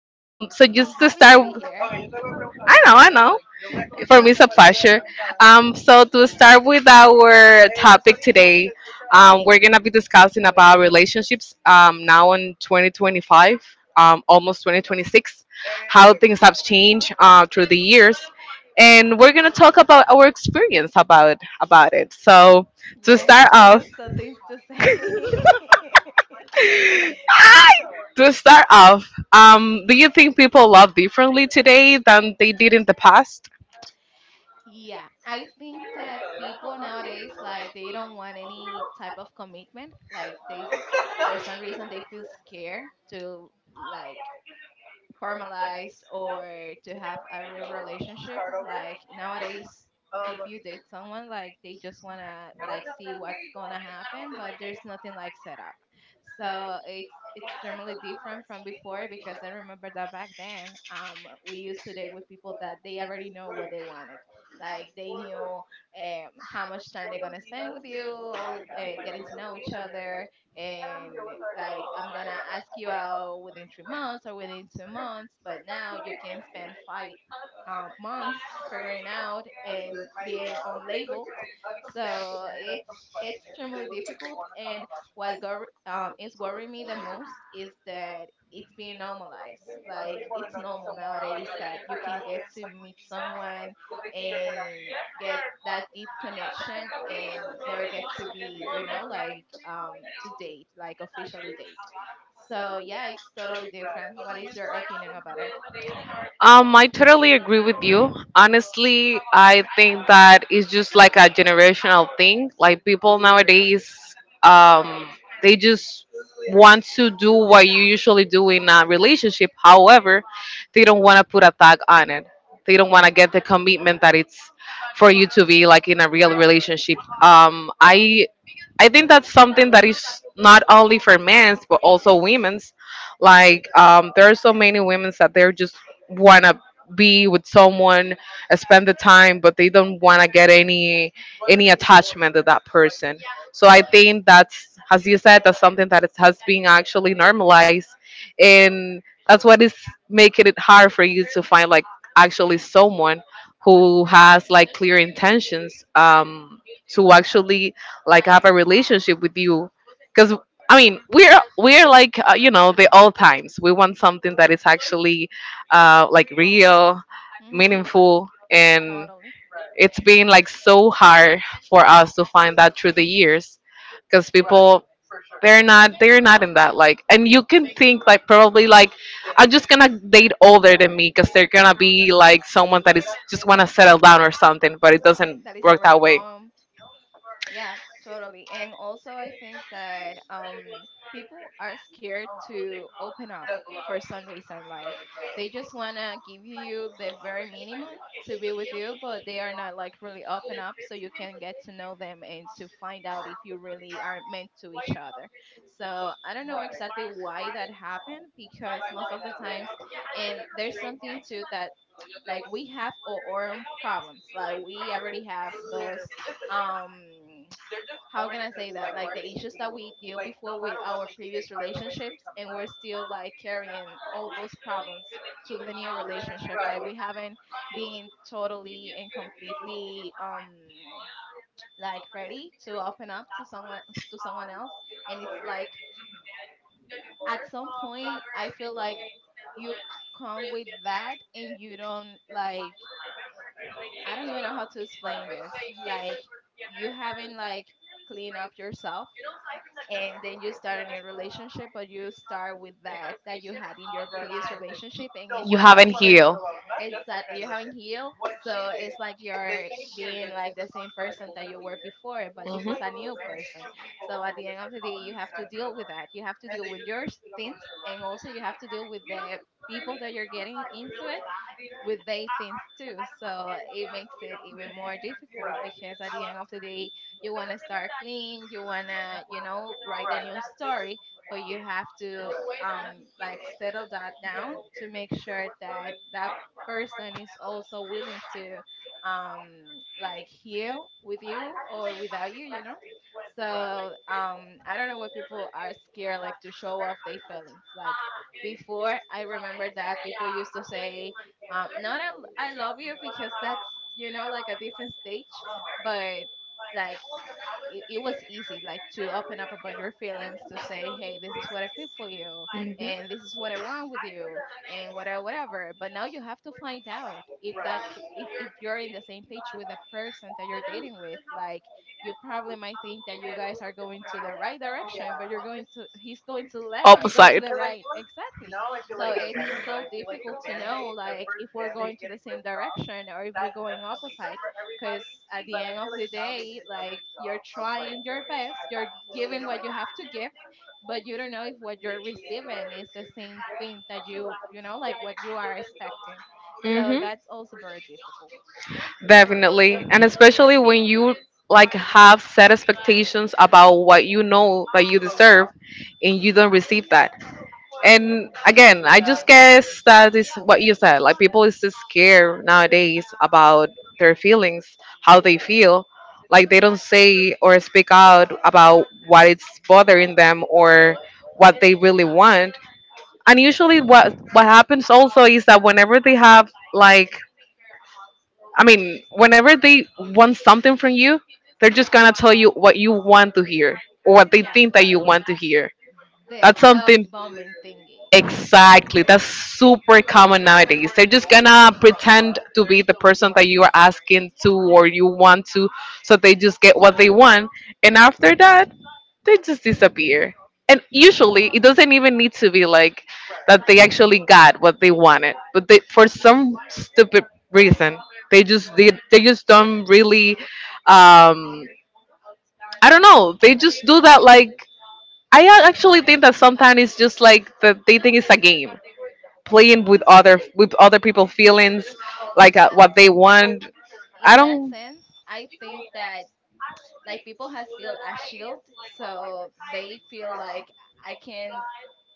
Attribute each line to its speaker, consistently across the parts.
Speaker 1: So
Speaker 2: I'm
Speaker 1: just to
Speaker 2: happy to be
Speaker 1: start,
Speaker 2: here.
Speaker 1: I know, I know. For me, it's a pleasure. So to start with our topic today, we're gonna be discussing about relationships. Now in 2025, almost 2026, how things have changed through the years, and we're gonna talk about our experience about it. So
Speaker 2: Yeah,
Speaker 1: to
Speaker 2: I
Speaker 1: start
Speaker 2: have some
Speaker 1: off,
Speaker 2: some things to say.
Speaker 1: To start off, do you think people love differently today than they did in the past?
Speaker 2: Yeah, I think that people nowadays like they don't want any type of commitment. Like they, for some reason, they feel scared to like formalize or to have a real relationship. Like nowadays, if you date someone, like they just wanna like see what's gonna happen, but there's nothing like set up. So it's extremely different from before because I remember that back then, we used to date with people that they already know what they wanted. Like they knew how much time they're gonna spend with you, getting to know each other, and like I'm gonna ask you out within 3 months or within 2 months, but now you can spend five months figuring out and being unlabeled. So it's extremely difficult. And what is worrying me the most is that it's being normalized. Like it's normal nowadays that you can get to meet someone and get that deep connection and never get to be, like to date, like officially date. So yeah, it's totally different. What is your opinion about it?
Speaker 1: I totally agree with you. Honestly, I think that it's just like a generational thing. Like people nowadays, um, they just want to do what you usually do in a relationship. However, they don't want to put a tag on it. They don't want to get the commitment that it's for you to be like in a real relationship. I think that's something that is not only for men's but also women's like there are so many women's that they're just want to be with someone, spend the time, but they don't want to get any attachment to that person. So I think that's, as you said, that's something that it has been actually normalized, and that's what is making it hard for you to find like actually someone who has like clear intentions to actually like have a relationship with you, because I mean, we're like you know, the old times. We want something that is actually like real,
Speaker 2: Mm-hmm.
Speaker 1: meaningful, and
Speaker 2: Totally.
Speaker 1: it's been like so hard for us to find that through the years because people they're not in that like, and you can think like probably like I'm just gonna date older than me because they're gonna be like someone that is just wanna settle down or something, but it doesn't
Speaker 2: That is
Speaker 1: work
Speaker 2: already
Speaker 1: that way.
Speaker 2: grown. Yeah, totally. And also, I think that people are scared to open up for some reason. Like, they just want to give you the very minimum to be with you, but they are not like really open up so you can get to know them and to find out if you really are meant to each other. So, I don't know exactly why that happened because most of the times, and there's something too that like we have our own problems like we already have those um how can I say that? Like the issues that we deal before with our previous relationships, and we're still like carrying all those problems to the new relationship. Like we haven't been totally and completely like ready to open up to someone else. And it's like at some point, I feel like you come with that, and you don't like. I don't even know how to explain this. Like you haven't like cleaned up yourself, and then you start a new relationship or you start with that that you had in your previous relationship, and it's
Speaker 1: You
Speaker 2: like
Speaker 1: haven't
Speaker 2: if you're
Speaker 1: healed.
Speaker 2: exactly you haven't healed. So it's like you're being like the same person that you were before, but this is a new person. So at the end of the day you have to deal with that, you have to deal with your things, and also you have to deal with the people that you're getting into it with their things too. So it makes it even more difficult because at the end of the day, you want to start clean, you want to, write a new story, but you have to like settle that down to make sure that that person is also willing to um like heal with you or without you, you know. So I don't know what people are scared like to show off their feelings. Like before, I remember that people used to say not I love you because that's like a different stage, but like it was easy like to open up about your feelings, to say, hey, this is what I feel for you
Speaker 1: Hmm.
Speaker 2: and this is what I want with you, and whatever whatever. But now you have to find out if that's if you're in the same page with the person that you're dating with. Like you probably might think that you guys are going to the right direction, but you're going to he's going to the left and you're going to
Speaker 1: Opposite.
Speaker 2: the right, exactly. So it's so difficult to know like if we're going to the same direction or if we're going opposite, because at the end of the day, like, you're trying your best, you're giving what you have to give, but you don't know if what you're receiving is the same thing that you know like what you are expecting. So
Speaker 1: Hmm.
Speaker 2: that's also very difficult.
Speaker 1: Definitely. And especially when you like have set expectations about what you know that you deserve and you don't receive that. And again, I just guess that is what you said. Like people is just scared nowadays about their feelings, how they feel. Like they don't say or speak out about what is bothering them or what they really want. And usually what happens also is that whenever they have like I mean, whenever they want something from you, they're just gonna tell you what you want to hear or what they
Speaker 2: Yeah,
Speaker 1: think that you want to hear.
Speaker 2: the
Speaker 1: That's
Speaker 2: love
Speaker 1: something.
Speaker 2: bombing thingy.
Speaker 1: Exactly. That's super common nowadays. They're just gonna pretend to be the person that you are asking to or you want to, so they just get what they want. And after that, they just disappear. And usually, it doesn't even need to be like that they actually got what they wanted, but they, for some stupid reason, they just they just don't really. Um, I don't know. They just do that like I actually think that sometimes it's just like that they think it's a game playing with other people' feelings, like
Speaker 2: I,
Speaker 1: what they want. I
Speaker 2: in that
Speaker 1: don't,
Speaker 2: sense, I think that like people has built a shield, so they feel like I can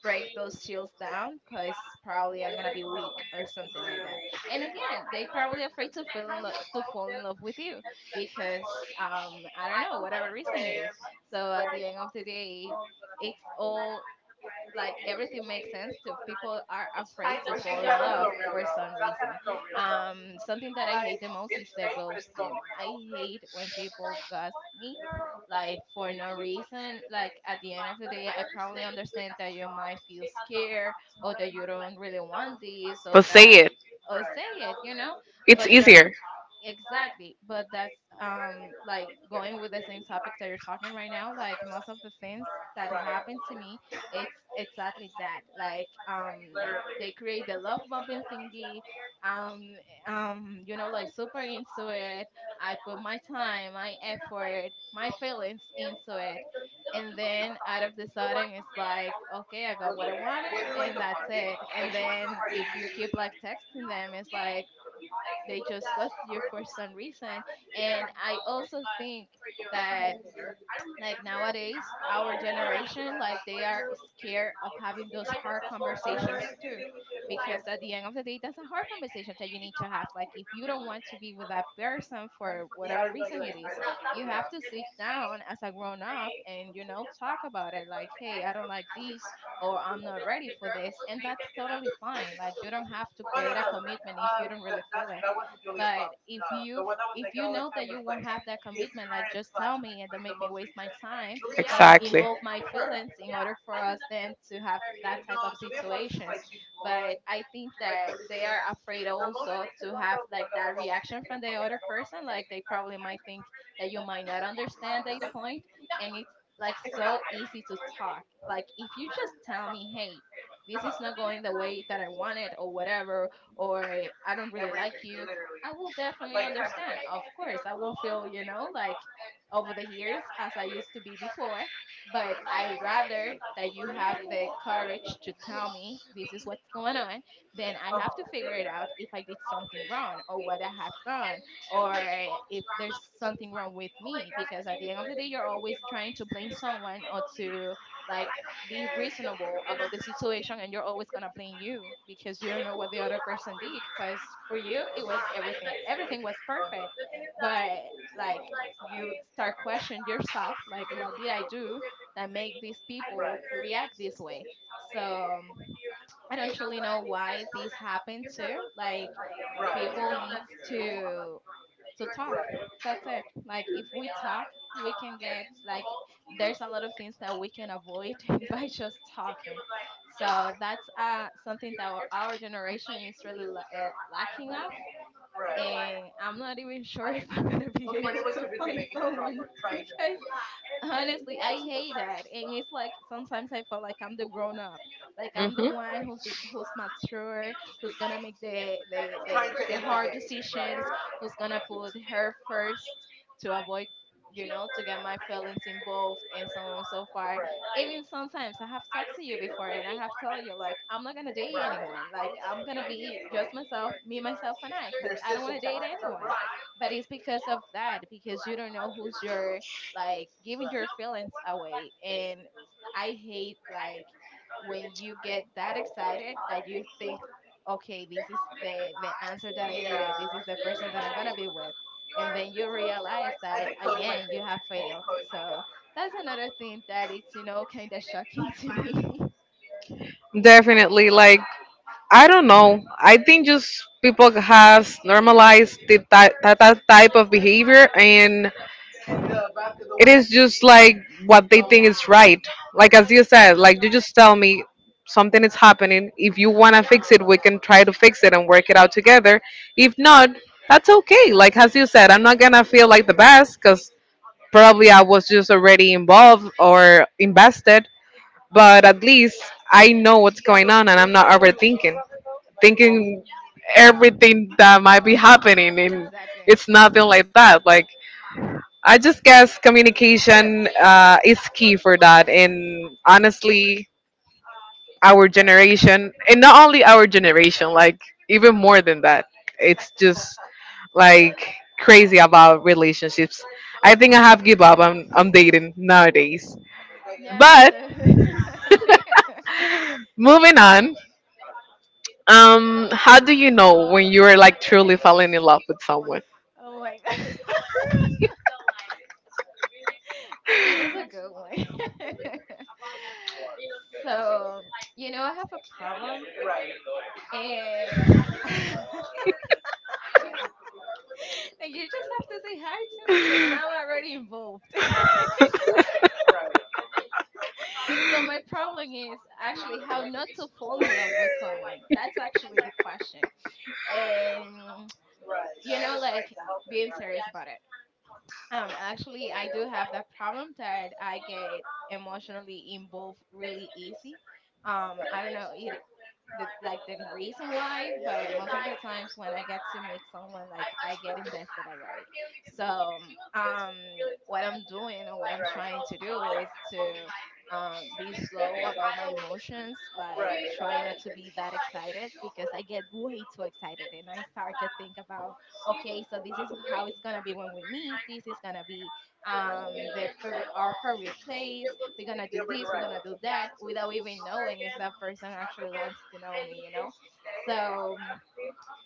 Speaker 2: break those shields down because probably I'm gonna be weak or something like that. And again, they probably afraid to fall in love with you because I don't know whatever reason it is. So at the end of the day, it's all like everything makes sense to people are afraid to fall in love for some reason. Something that I hate the most is the ghosting. I hate when people ghost me like for no reason. Like at the end of the day, I probably understand that you might feel scared or that you don't really want this or
Speaker 1: but say
Speaker 2: that,
Speaker 1: it.
Speaker 2: or say it.
Speaker 1: It's
Speaker 2: but the,
Speaker 1: easier.
Speaker 2: Exactly, but that's like going with the same topic that you're talking right now. Like most of the things that happened to me, it's exactly that. Like they create the love bumping thingy. Um, like super into it. I put my time, my effort, my feelings into it, and then out of the sudden, it's like, okay, I got what I wanted, and that's it. And then if you keep like texting them, it's like they just ghost you for some reason. And I also think that like nowadays our generation like they are scared of having those hard conversations too, because at the end of the day, that's a hard conversation that you need to have. Like if you don't want to be with that person for whatever reason it is, you have to sit down as a grown up and talk about it, like, hey, I don't like this, or I'm not ready for this, and that's totally fine. Like you don't have to create a commitment if you don't really feel it. But if you know that you won't have that commitment, like, just tell me and don't make me waste my time and
Speaker 1: Exactly.
Speaker 2: involve my feelings in order for us then to have that type of situations. But I think that they are afraid also to have like that reaction from the other person. Like they probably might think that you might not understand their point, and it's like so easy to talk. Like if you just tell me, hey, this is not going the way that I want it or whatever, or I don't really like you, I will definitely understand. Of course, I won't feel, like over the years as I used to be before, but I'd rather that you have the courage to tell me this is what's going on. Then I have to figure it out if I did something wrong or what I have done, or if there's something wrong with me, because at the end of the day, you're always trying to blame someone or to like be reasonable about the situation, and you're always going to blame you because you don't know what the other person did, because for you it was everything was perfect. But like you start questioning yourself like what did I do that make these people react this way. So I don't truly know why this happened too. Like people needs to talk. That's it. Like if we talk, we can get like there's a lot of things that we can avoid by just talking. So that's something that our generation is really lacking of. And I'm not even sure if I'm gonna be able to find someone because honestly, I hate that. And it's like sometimes I feel like I'm the grown up. Like I'm the
Speaker 1: Hmm.
Speaker 2: one who's mature, who's gonna make the hard decisions, who's gonna put her first to avoid to get my feelings involved and so on and so far. Even sometimes I have talked to you before and I have told you, like, I'm not gonna date anyone. Like I'm gonna be just myself, me, myself and I, because I don't wanna date anyone. But it's because of that, because you don't know who's your like giving your feelings away. And I hate like when you get that excited that you think, okay, this is the answer that I needed. This is the person that I'm gonna be with. And then you realize that again you have failed. So that's another thing that it's kind of shocking to me.
Speaker 1: Definitely. Like, I don't know. I think just people have normalized that type of behavior, and it is just like what they think is right. Like, as you said, like, you just tell me something is happening. If you want to fix it, we can try to fix it and work it out together. If not, that's okay. Like, as you said, I'm not going to feel like the best because probably I was just already involved or invested, but at least I know what's going on and I'm not overthinking, thinking everything that might be happening, and
Speaker 2: Exactly.
Speaker 1: it's nothing like that. Like I just guess communication is key for that, and honestly, our generation, and not only our generation, like even more than that, it's just like crazy about relationships. I think I have give up on dating nowadays.
Speaker 2: Yeah, me
Speaker 1: But
Speaker 2: too.
Speaker 1: moving on, how do you know when you are like truly falling in love with someone?
Speaker 2: Oh my god. Okay, that's a good one. so, you know, I have a problem, and like you just have to say hi to me and I'm already involved. So my problem is actually how not to fall in love with someone. That's actually the question. And you know, like being serious about it. Actually I do have that problem that I get emotionally involved really easy. I don't know the reason why, but most of the times when I get to meet someone, like I get invested already. So um, what I'm doing or what I'm trying to do is to be slow about my emotions, like try not to be that excited because I get way too excited and I start to think about, okay, so this is how it's gonna be when we meet. This is gonna be the favorite, our favorite place. We're gonna do this. We're gonna do that without even knowing if that person actually wants to know me. You know, so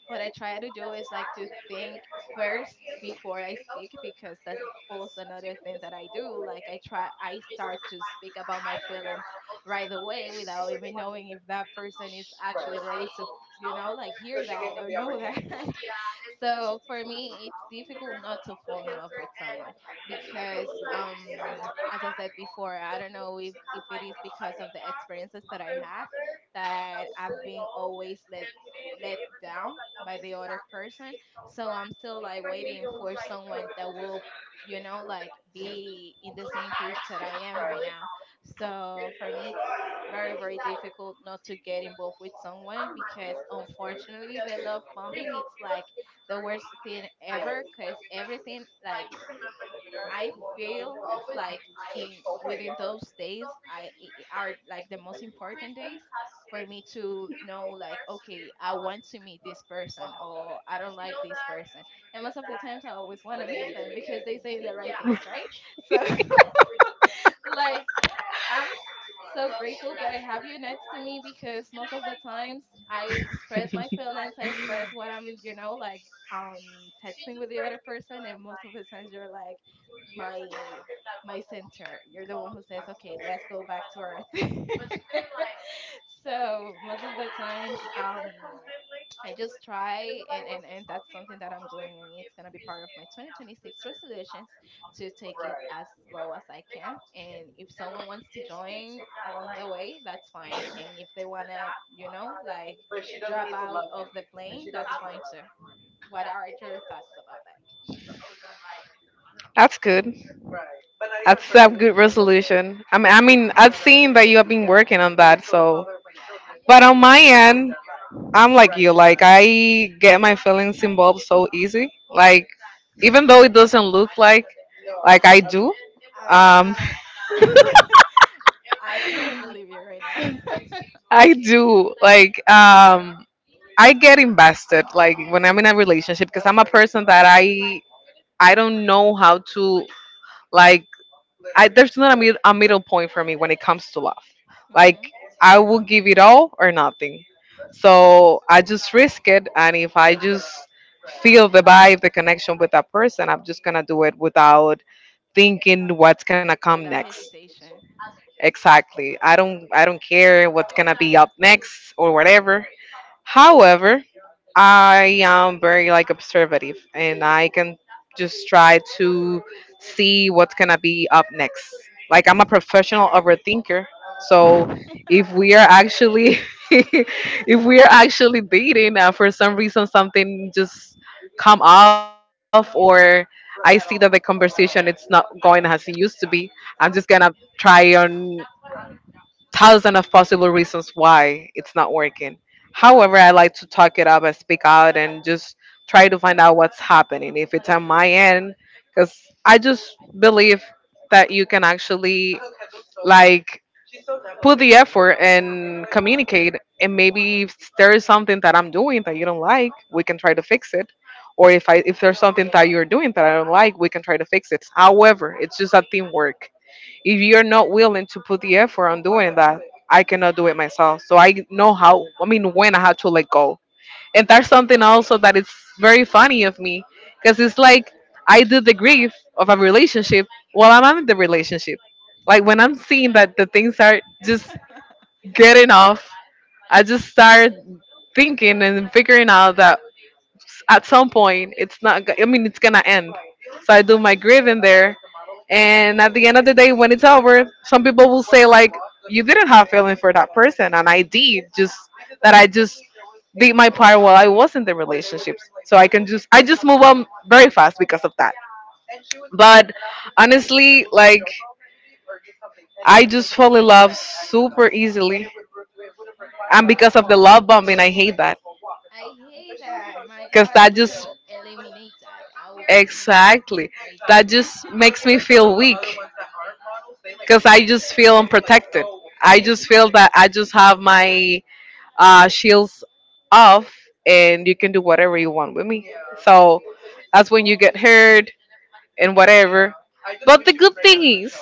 Speaker 2: what I try to do is like to think first before I speak because that's also another thing that I do. Like I start to speak about my feelings right away without even knowing if that person is actually ready to, you know, like hear that or know that. So for me it's difficult not to fall in love with someone because as I said before, I don't know if it is because of the experiences that I have, that I've been always let down by the other person. So I'm still like waiting for someone that will, you know, like be in the same page that I am right now. So for me, it's very, very difficult not to get involved with someone because, unfortunately, the love bombing, it's like the worst thing ever because everything, like I feel like in within those days, are like the most important days for me to know, like okay, I want to meet this person or I don't like this person. And most of the times I always want to meet them because they say the right things, right? So like I'm so grateful that I have you next to me because most of the times I express my feelings, I express what I'm, you know, like texting with the other person. And most of the times you're like my my center. You're the one who says, "Okay, let's go back to earth." So most of the times, I just try, and that's something that I'm doing, and it's gonna be part of my 2026 resolutions to take it as slow as I can. And if someone wants to join along the way, that's fine. And if they wanna, you know, like drop out of the plane, that's fine too. What are your thoughts about
Speaker 1: That's good. That's a good resolution. I mean, I've seen that you have been working on that. So, but on my end, I'm like you. Like I get my feelings involved so easy. Like even though it doesn't look like I do, um,
Speaker 2: I'm I can't believe it right now.
Speaker 1: I do. Like I get invested like when I'm in a relationship because I'm a person that I don't know how to like I there's not a, mid, a middle point for me when it comes to love. Like
Speaker 2: Hmm.
Speaker 1: I will give it all or nothing. So I just risk it and if I just feel the vibe, the connection with that person, I'm just going to do it without thinking what's going to come
Speaker 2: Without
Speaker 1: next.
Speaker 2: hesitation.
Speaker 1: Exactly. I don't care what's going to be up next or whatever. However, I am very like observative and I can just try to see what's gonna be up next. Like I'm a professional overthinker. So
Speaker 2: I
Speaker 1: if we are actually if we are actually dating and for some reason something just come off or I see that the conversation it's not going as it used to be, I'm just gonna try on thousands of possible reasons why it's not working. However, I like to talk it up and speak out and just try to find out what's happening if it's on my end because I just believe that you can actually like put the effort and communicate and maybe if there is something that I'm doing that you don't like, we can try to fix it. Or if I if there's something that you're doing that I don't like, we can try to fix it. However, it's just a teamwork. If you're not willing to put the effort on doing that, I cannot do it myself. So I know how, I mean, when I had to let go. And that's something also that is very funny of me because it's like I did the grief of a relationship while I'm in the relationship. Like when I'm seeing that the things are just getting off, I just start thinking and figuring out that at some point it's not go- I mean, it's gonna end, so I do my grieving there, and at the end of the day when it's over, some people will say like you didn't have feeling for that person, and I did just that. I just did my part while I was in the relationships. So I can just I just move on very fast because of that. But honestly, like I just fall in love super easily, and because of the love bombing, I hate that
Speaker 2: hate that. My
Speaker 1: because
Speaker 2: God, if
Speaker 1: that
Speaker 2: we
Speaker 1: just
Speaker 2: can eliminate that, I would be more
Speaker 1: exactly
Speaker 2: than
Speaker 1: that
Speaker 2: grateful.
Speaker 1: just makes me feel weak because I just feel unprotected. I just
Speaker 2: Hmm.
Speaker 1: feel that I just have my shields off and you can do whatever you want with me. So that's when you get hurt and whatever. But the good thing is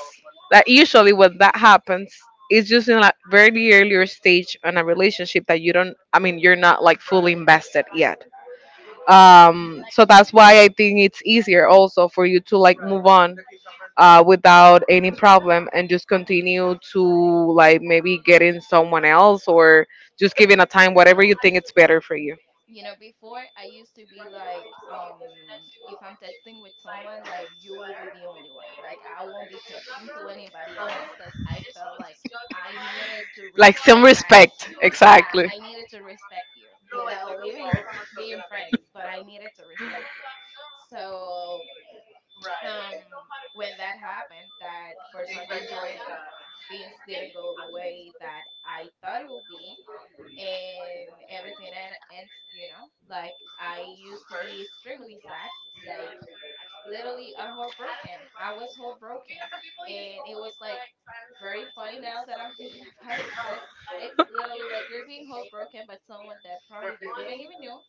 Speaker 1: that usually when that happens, it's just in a very earlier stage in a relationship that you don't, I mean, you're not like fully invested yet. So that's why I think it's easier also for you to like move on without any problem and just continue to like maybe getting someone else or just giving a time whatever you think it's better for you.
Speaker 2: You know, before I used to be like, if I'm texting with someone, like you will be the only one, like I won't be texting to anybody else because I felt like I needed to
Speaker 1: Like some
Speaker 2: respect that.
Speaker 1: respect,
Speaker 2: Yeah,
Speaker 1: exactly.
Speaker 2: I needed to respect you without even being friends, but I needed to respect you. So um when that happened, that for some reason things didn't go the way that I thought it would be, and everything and ends, you know, like I used to be extremely sad, like literally a heartbroken, I was heartbroken. And it was like very funny now that I'm thinking about it, because it's literally like you're being heartbroken by someone that probably you didn't even know,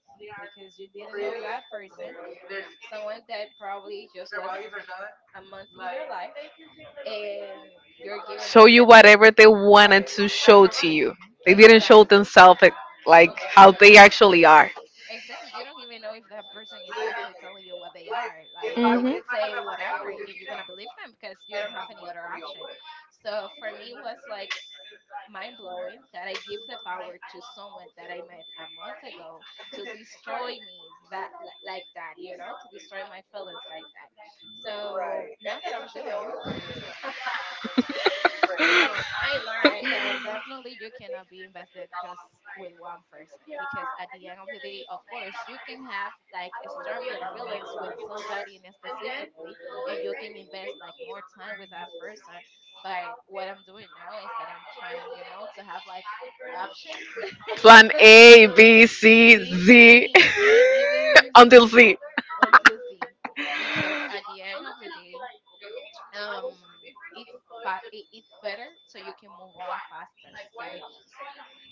Speaker 2: because you didn't know that person. Uh, someone that probably just was a month in your life, and you're giving
Speaker 1: Show
Speaker 2: them
Speaker 1: you
Speaker 2: that.
Speaker 1: whatever they wanted to show to you. They didn't show
Speaker 2: Exactly.
Speaker 1: themselves, like how they actually are.
Speaker 2: Exactly. You don't even know if that person is actually telling you what they are. Like they could say whatever and you're gonna believe them because you don't have any other option. So for me it was like mind blowing that I give the power to someone that I met a month ago to destroy me like that, you know, to destroy my feelings like that. So now that I'm doing, I learned that definitely you cannot be invested just with one person because at the end of the day, of course, you can have like a stronger feelings with somebody and specifically, and you can invest like more time with that person. But what I'm doing now is that I'm trying, you know, to have like options.
Speaker 1: Plan A, B, C,
Speaker 2: B, C, D,
Speaker 1: Z,
Speaker 2: E, E, even
Speaker 1: until Z.
Speaker 2: until Z, because at the end of the day, um, it's it's better so you can move on faster. Like,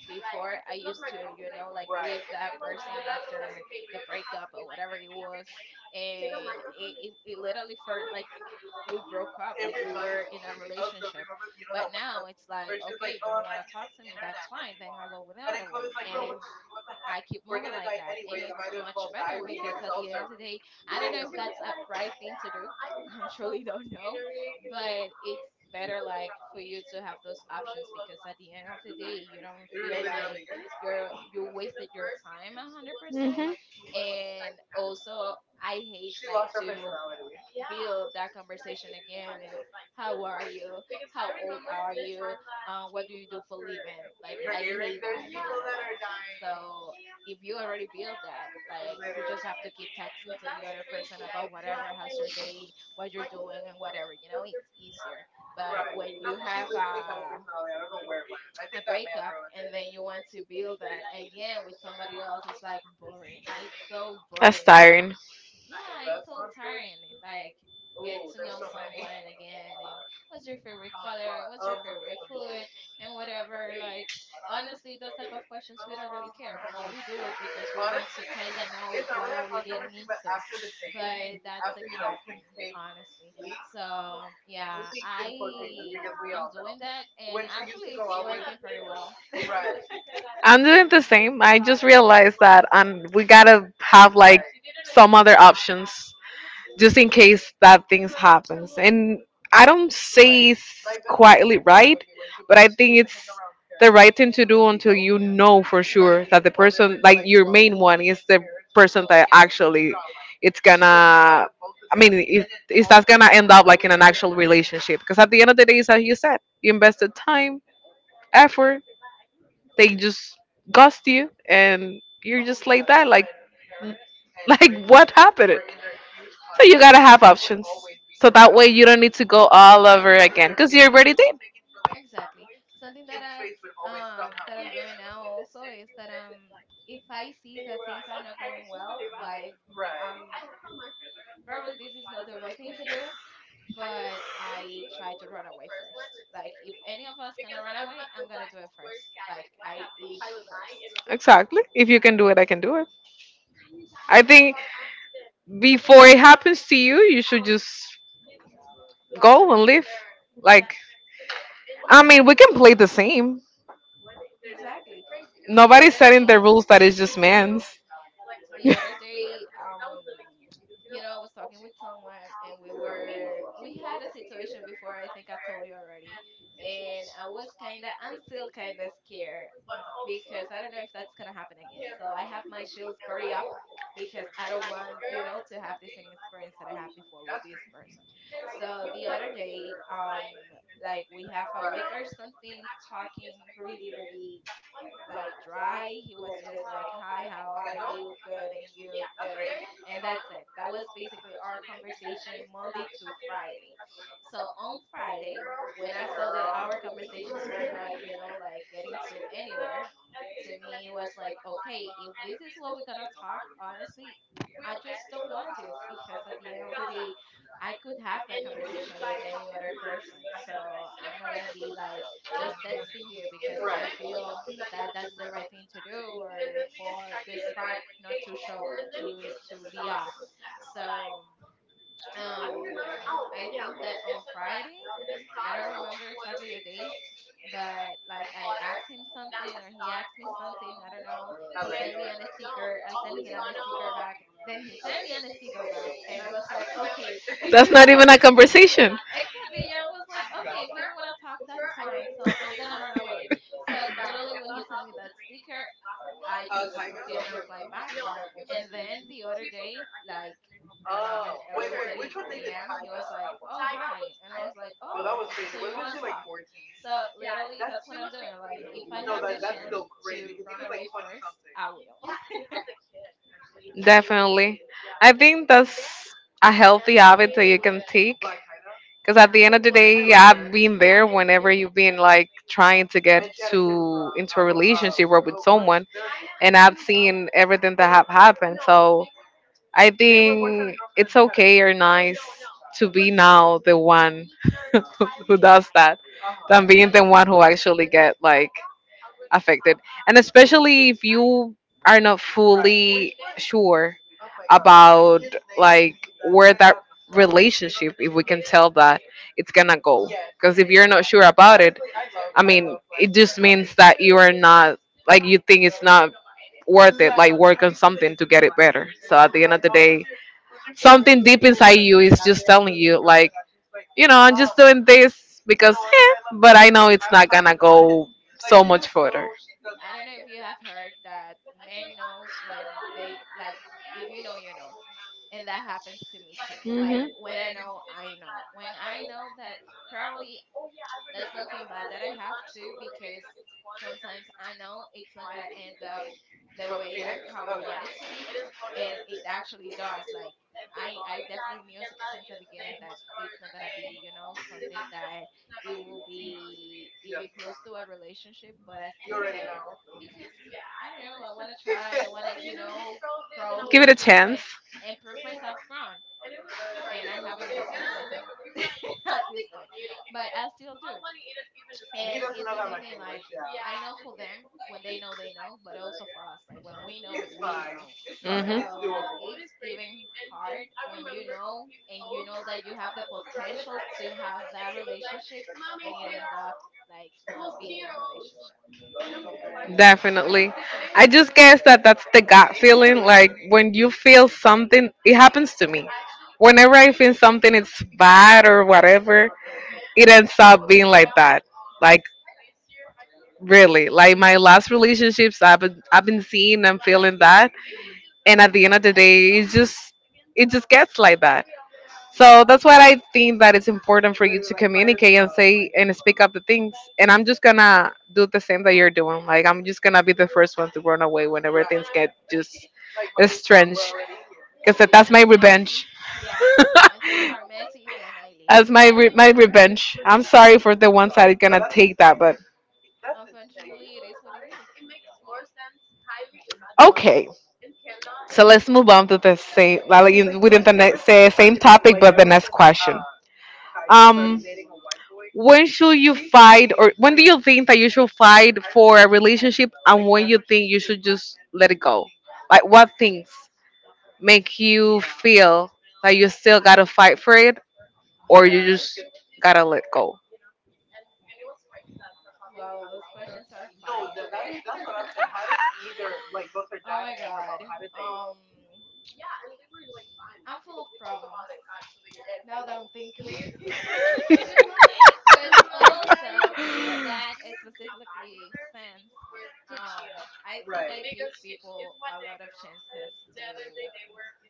Speaker 2: before I used to, you know, like grieve that person after the breakup or whatever it was, and it literally felt like we broke up, like we were in a relationship. But now it's like, okay, you don't want to talk to me, that's fine. Then I'll go with the other one, and I keep moving like that. And it's much better because at the end of the day, I don't know if that's a right thing to do. I'm surely don't know, but it's better like for you to have those options because at the end of the day, you don't feel like you wasted your time 100%. And also, I hate like to build that conversation again and how are you, how old are you, what do you do for living. Like I hate that with my life. So if you already build that, like you just have to keep texting to the other person about whatever, how's your day, what you're doing, and whatever, you know, it's easier. But when you have a breakup and then you want to build that again with somebody else, it's like boring, it's so
Speaker 1: That's
Speaker 2: boring. Like
Speaker 1: tiring.
Speaker 2: yeah, it's so tiring. Like get to know someone again and what's your favorite color, what's your favorite food, and whatever. Like honestly, those type of questions we don't really care, but we do it because we want to kind of know what are we getting into. But that's exhausting, honestly. So yeah, I I'm doing that, and actually, it's working pretty well.
Speaker 1: I'm doing the same. I just realized that we gotta have like some other options. Just in case that things happens. And I don't say it's quietly right, but I think it's the right thing to do until you know for sure that the person, like your main one, is the person that actually it's gonna. I mean, if that's gonna end up like in an actual relationship, because at the end of the day, it's as you said, you invested time, effort, they just ghost you, and you're just like that. Like, n- like what happened? So you
Speaker 2: And
Speaker 1: gotta have options. So that way
Speaker 2: yeah,
Speaker 1: you don't need to go all over again because you already did.
Speaker 2: exactly. Something that I, that I'm doing now also, is that if I see that things are not going well, like um probably this is not the right thing to do, but I try to run away first. Like if any of us gonna run away, I'm gonna do it first. Like I leave first.
Speaker 1: Exactly. If you can do it, I can do it. I think
Speaker 2: Exactly.
Speaker 1: before it happens to you, you should just go and leave. Like, I mean, we can play the same.
Speaker 2: Exactly. The
Speaker 1: Nobody's
Speaker 2: other
Speaker 1: setting the
Speaker 2: day,
Speaker 1: rules that is just man's.
Speaker 2: the other day, you know, I was talking with someone and we had a situation before, I think I told you already, and I was kind of, I'm still kind of scared because I don't know if that's gonna happen again, so I have my shields pretty up because I don't want, you know, to have the same experience that I had before with this person. So the other day, like we have a week or something talking really, really like dry. He was just like, "Hi, how are you? Good, and you good?" And that's it. That was basically our conversation Monday to Friday. So on Friday, when I saw that our conversations were not, you know, like getting to anywhere, to me it was like, "Okay, if this is what we're gonna talk, honestly." I just don't want this because at the end of the day, I could have that conversation with any other person. So I'm not gonna be like just texting you because I feel that that's the right thing to do or for the spark not to be off. So um I think that on Friday, I don't remember exactly the date, but like I asked him something or he asked me something, I don't know. He sent me an sticker, I sent him an sticker back, then he sent me an sticker back and I was like, okay, if
Speaker 1: That's
Speaker 2: you don't
Speaker 1: not
Speaker 2: want
Speaker 1: even a
Speaker 2: to.
Speaker 1: conversation.
Speaker 2: Exactly. Yeah, I was like, okay, if you don't want to talk, that's fine. So I'm gonna run away. So literally, when he sent me that sticker, I just didn't reply back. And then the other day, like around 11:30 p.m., he was like, "Oh, hi," and I was like, "Oh, so you want to talk?" So literally, that's what I'm doing. Like, if I have the chance to run away first, I will.
Speaker 1: Definitely. I think that's a healthy habit that you can take. Because at the end of the day, yeah, I've been there whenever you've been like trying to get to into a relationship or with someone, and I've seen everything that have happened. So I think it's okay or nice to be now the one who does that than being
Speaker 2: Right?
Speaker 1: the one who actually get like affected, and especially if you are not fully sure about like where that relationship, if we can tell that it's gonna go. Because if you're not sure about it, I mean, it just means that you are not, like, you think it's not worth it, like, work on something to get it better. So at the end of the day, something deep inside you is just telling you like, you know, I'm just doing this because, but I know it's not gonna go so much further.
Speaker 2: I don't know if you have heard that men knows when they like, if you know you know. And that happens to me too. Like when I know I know. When I know that probably that's something bad that I have to because sometimes I know it's not gonna end up the way I probably want it to be, and it actually does. Like I definitely knew since the beginning that it's not gonna be, something that it will be even close to a relationship, but I'm still there because I don't know. I want to try. I want to,
Speaker 1: Give it
Speaker 2: probably
Speaker 1: a
Speaker 2: prove my
Speaker 1: chance.
Speaker 2: and prove myself wrong. And I haven't never proved myself wrong at this point, but I still do, and it's the same thing. Like I know for them when they know they know, but also for us, like when we know we know. So it's even hard when you know, and you know that you have the potential to have that relationship, and it end up like not being a relationship.
Speaker 1: Definitely. I just guess that that's the gut feeling. Like when you feel something, it happens to me. Whenever I feel something, it's bad or whatever, it ends up being like that. Like really, like my last relationships, I've been seeing and feeling that, and at the end of the day, it just gets like that. So that's why I think that it's important for you to communicate and say and speak up the things. And I'm just gonna do the same that you're doing. Like I'm just gonna be the first one to run away whenever things get just strange. Cause
Speaker 2: When things
Speaker 1: that's my
Speaker 2: get messy.
Speaker 1: revenge.
Speaker 2: Yeah, when things are messy then I leave.
Speaker 1: That's my my revenge. I'm sorry for the one side gonna take that, but
Speaker 2: Unfortunately it is what it is.
Speaker 1: okay. So let's move on to the same like within the next, say, same topic, but the next question. Um, when should you fight, or when do you think that you should fight for a relationship, and when you think you should just let it go? Like, what things make you feel that you still gotta fight for it, or you just gotta let go?
Speaker 2: Wow, those questions are fire. Oh my god. um I'm full of problems now that I'm thinking. Because also in that specifically sense, um, I think I give people a lot of chances to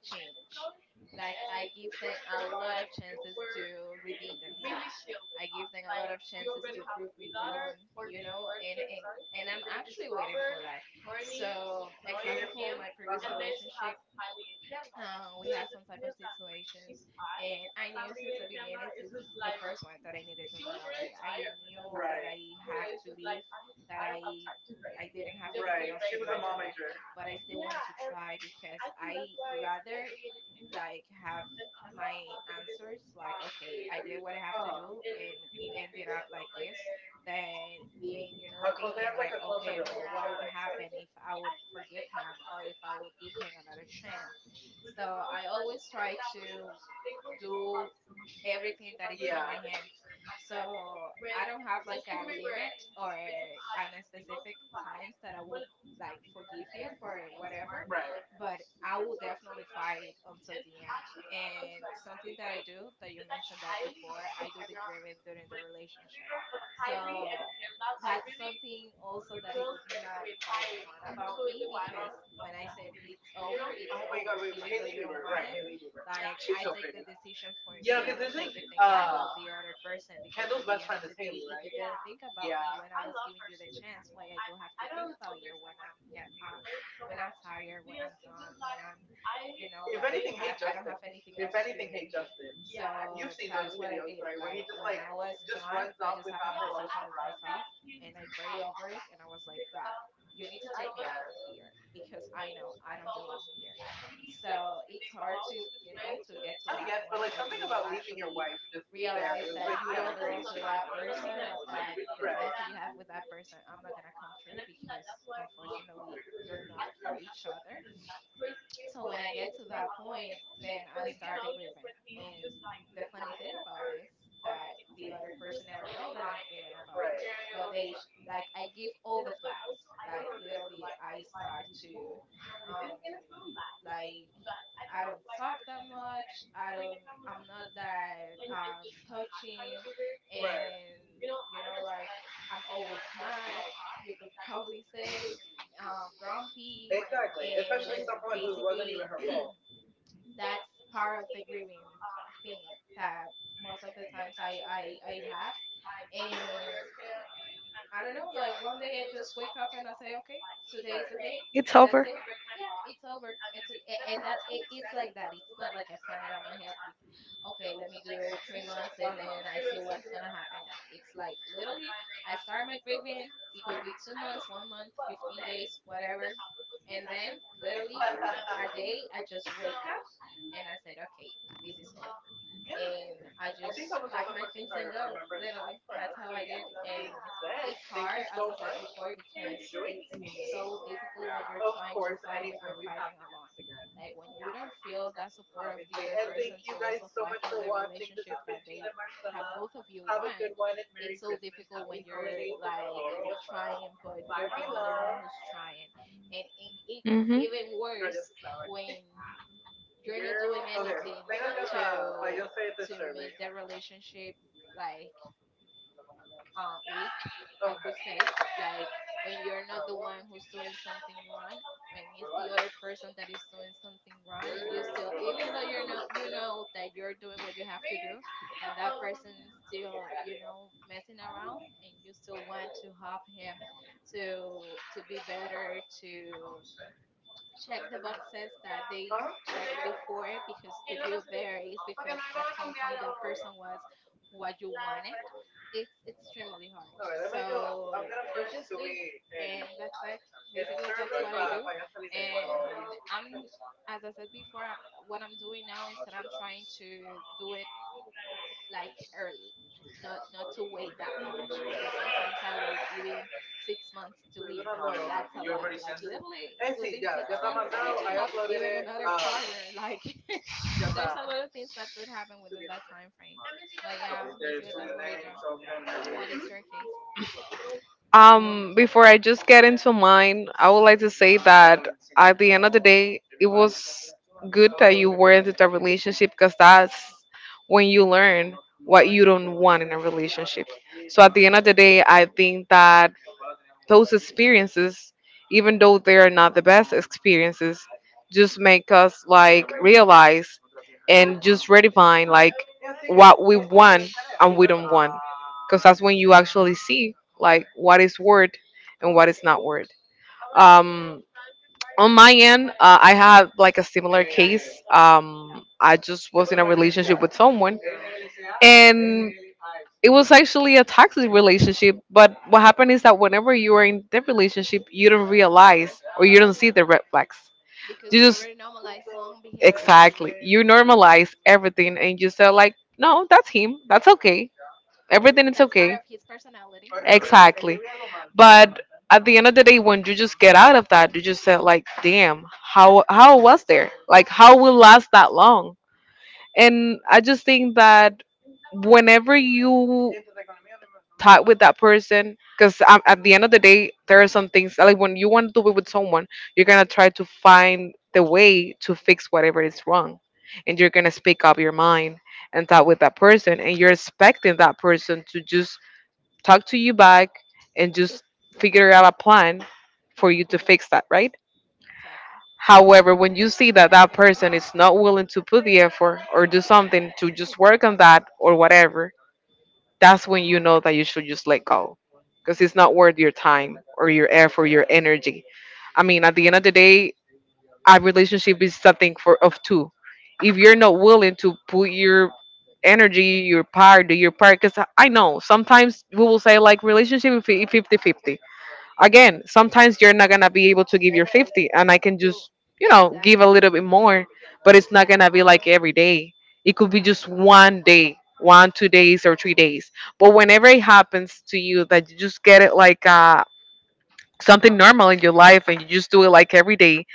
Speaker 2: change. Like I give them a lot of chances to redeem themselves. I give them a lot of chances to prove me wrong, you know, and and I'm actually waiting for that. So, example for my previous relationship, we had some type of situations, and I knew since the beginning, since the first one, that I needed to run away. I knew that I have to leave, that I didn't have anything else to do over there, but I still wanted to try because I rather like have my answers. Like, okay, I did what I have to do and it ended up like this, then being, you know, thinking like, okay, but what would happen if I would forgive him or if I would give him another chance. So I always try to do everything that is in my hands. So I don't have like a limit or an specific times that I will like forgive you for whatever, but I will definitely fight until the end. And something that I do that you mentioned that before, I do the grieving during the relationship. So that's something also that it's not quite fun about me because when I said it's over, even though you don't want it. Like I take the decision for me. I don't take it thinking about the other person because at the end of the day, if you didn't think about me when I was giving you the chance, why I do have to think about you when I'm when I'm tired, when I'm done, when I'm, you know, like I don't have anything else to do in here. So that's what I did. Like when I was done, I just have a conversation with myself and I pray over it and I was like, God, you need to take me out of here because I know I don't belong here. So it's hard to, you know, to get to that point that you actually realize that you don't belong to that person, or that the plans that you have with that person I'm not gonna come true, because unfortunately you're not for each other. So when I get to that point, then I start the grieving. And the funny thing about it is that the other person never know that I'm grieving about it, but they like I give all the flags. Like literally, I start to um like I don't talk that much. I don't. I'm not that touching, and you know, like I'm always mad. You could probably say grumpy, and basically that's part of the grieving thing that most of the times I have, and I don't know, like one day I just wake up and I say, okay, today is a day,
Speaker 1: It's
Speaker 2: and that's
Speaker 1: over.
Speaker 2: it. Yeah, it's over. And that it, it's like that. It's not like I plan it on my head. Like, okay, let me do 3 months and then I see what's gonna happen. No, it's like literally I start my grieving. It could be 2 months, 1 month, 15 days, whatever. And then literally a day I just wake up and I said, okay, this is over. And I just pack my things and go. Literally, that's how I did. And it's hard, as I said before, because it's so difficult when you're trying to fight, but you're fighting alone. Like when you don't feel that support of the other person to also fight for the relationship that they that both of you want, it's so difficult when you're like trying, but you're the only one who's trying, and it's
Speaker 1: Hmm.
Speaker 2: even worse when you're not doing anything to make that relationship like weak, I could say. Like when you're not the one who's doing something wrong, when it's the other person that is doing something wrong, and you still, even though you're not, you know that you're doing what you have to do, and that person is still, you know, messing around, and you still want to help him to be better, to check the boxes that they checked before, because if you're there it's because at some point that person was what you wanted. It's extremely hard, so you just leave and that's it. Basically that's what I do, and I'm, as I said before, what I'm doing now is that I'm trying to do it like early, not to wait that much because sometimes I wait even 6 months to leave, and that's a lot. Like literally within 6 months you can have even another partner. Like there's a lot of things that could happen within that time frame. But yeah, basically that's what I do. What is your case,
Speaker 1: Before I just get into mine, I would like to say that at the end of the day, it was good that you were in the relationship, because that's when you learn what you don't want in a relationship. So at the end of
Speaker 2: Sharon?
Speaker 1: the day, I think that those experiences, even though they are not the best experiences, just make us like realize and just redefine like what we want and we don't want, because that's when you actually see like what is worth and what is not worth. Um on my end, I had like a similar case. I just was in a relationship with someone, and it was actually a toxic relationship, but what happened is that whenever you are in that relationship, you don't realize or you don't see
Speaker 2: Hmm,
Speaker 1: the red flags. You
Speaker 2: because you
Speaker 1: just...
Speaker 2: already normalize some behaviors.
Speaker 1: Exactly. You normalize everything and you say like, no, that's him. That's okay. Everything is
Speaker 2: That's part
Speaker 1: okay.
Speaker 2: of his personality.
Speaker 1: Exactly. But at the end of the day, when you just get out of that, you just said like, damn, how was there? Like, how will last that long? And I just think that whenever you talk with that person, because at the end of the day, there are some things like when you want to be with someone, you're gonna try to find the way to fix whatever is wrong, and you're gonna speak up your mind and talk with that person, and you're expecting that person to just talk to you back and just figure out a plan for you to fix that, right?
Speaker 2: Exactly.
Speaker 1: However, when you see that that person is not willing to put the effort or do something to just work on that or whatever, that's when you know that you should just let go, because it's
Speaker 2: Hmm.
Speaker 1: not worth your time or your effort, your energy. I mean, at the end of the day, a relationship is something for of two. If you're not willing to put your energy, your part, do your part, because I know sometimes we will say like relationship is 50-50. Again, sometimes you're not gonna be able to give your 50, and I can
Speaker 2: You.
Speaker 1: just, you know, give a
Speaker 2: Exactly.
Speaker 1: little bit more, but it's not gonna
Speaker 2: Exactly.
Speaker 1: be like every day. It could be
Speaker 2: My
Speaker 1: just one
Speaker 2: God.
Speaker 1: day, one, 2 days, or 3 days. But whenever it happens to you, that you just get it like something normal in your life, and you just do it like every day,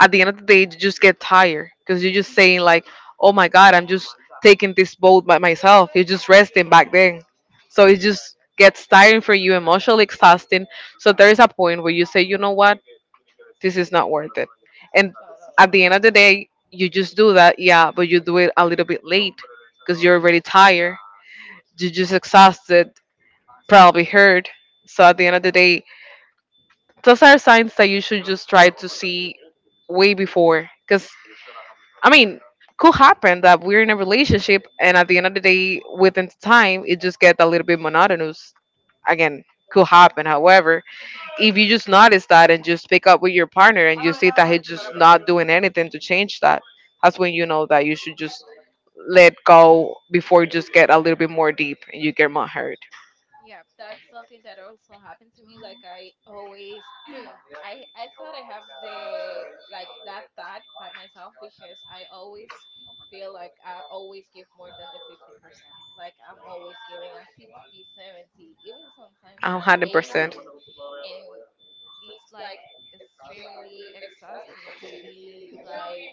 Speaker 1: at the end of the day you just get tired, because you're just saying like, oh my god, I'm just taking this boat by myself, you're just resting back then. So it just gets tiring for you, emotionally exhausting. So there is a point where you say, you know what, this is not worth it. And
Speaker 2: Totally.
Speaker 1: at the end of the day you just do that, yeah, but you do it a little bit late, because you're already tired, you're just exhausted, probably hurt. So at the end of the day, those are signs that you should just try to see way before, because I mean, could happen that we're in a relationship, and at the end of the day, within time, it just gets a little bit monotonous. Again, could happen. However, if you just notice that and just pick up with your partner and you see that he's just not doing anything to change that, that's when you know that you should just let go before you just get a little bit more deep and you get more hurt.
Speaker 2: Yeah, that's something that also happened to me. Like I always, I thought I have the like that thought by myself because I always feel like I always give more than the 50%. Like I'm always giving a 60, 70, even sometimes
Speaker 1: A
Speaker 2: an
Speaker 1: hundred percent.
Speaker 2: 80. And it's like extremely exhausting to be like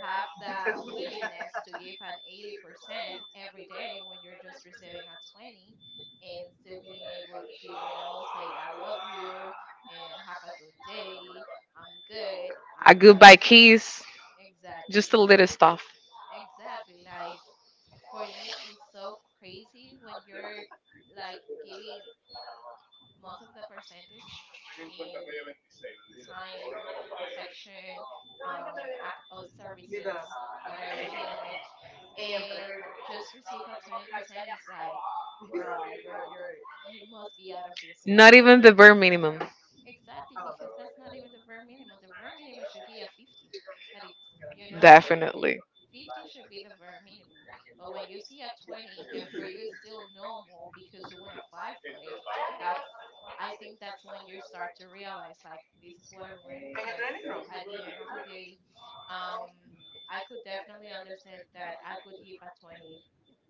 Speaker 2: have that willingness to give an 80% every day when you're just receiving a 20 and still being able to, you know, say I love you and have a good day. I'm good,
Speaker 1: A
Speaker 2: I'm
Speaker 1: goodbye
Speaker 2: having.
Speaker 1: kiss, just
Speaker 2: Exactly.
Speaker 1: a little stuff.
Speaker 2: Exactly. Like for me it's so crazy when you're like giving most of the percentage in time, affection, or services, whatever you name it, and just receive a 20% is like, bro, you're you must be out of this
Speaker 1: Not
Speaker 2: world.
Speaker 1: even the bare minimum.
Speaker 2: Exactly, because that's not even the very minimum. The very minimum should be a 50. That it's, you know,
Speaker 1: Definitely.
Speaker 2: 50 should be the very minimum. But when you see a 20 and for you it's still normal because you want to fight for it, that's I think that's when you start to realize like this is what I want, because at the end of the day, um, I could definitely understand that I could give a 20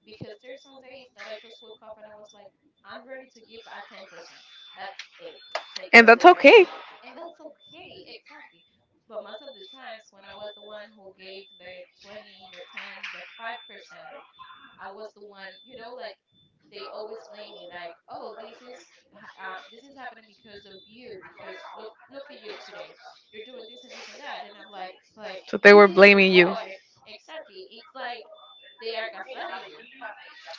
Speaker 2: because there's some days that I just woke up and I was like, I'm ready to give a 10%. That's it. Take it
Speaker 1: And
Speaker 2: or
Speaker 1: that's
Speaker 2: leave it.
Speaker 1: okay.
Speaker 2: And that's okay. Exactly. But most of the times when I was the one who gave the 20, the 10, the 5%, I was the one, you know, like they always blame me like, "Oh, this is this is happening because of you because look at you today. You're doing this and this and that." And I'm like, "But
Speaker 1: So they
Speaker 2: you
Speaker 1: were
Speaker 2: did it
Speaker 1: blaming you.
Speaker 2: before." Exactly. It's like they are gaslighting you.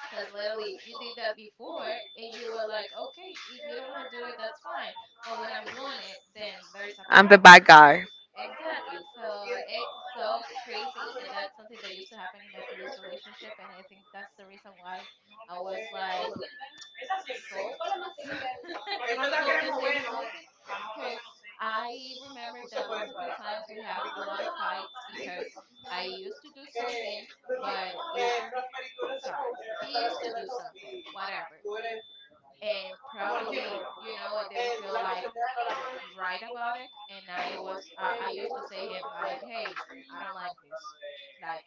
Speaker 2: Because literally, you did that before, and you were like, okay, if you don't want to do it, that's fine. But when I'm doing it, then there's a
Speaker 1: I'm the
Speaker 2: problem.
Speaker 1: bad guy.
Speaker 2: Exactly. So it's so crazy. And that's something that used to happen in my previous relationship. And I think that's the reason why I was like sold. So if you can say something, because I remember that most of the times we have a lot of fights because I used to do something, but if, sorry, he used to do something, whatever. And probably, you know, I didn't feel like write about it. And I used to say him like, "Hey, I don't like this." Like,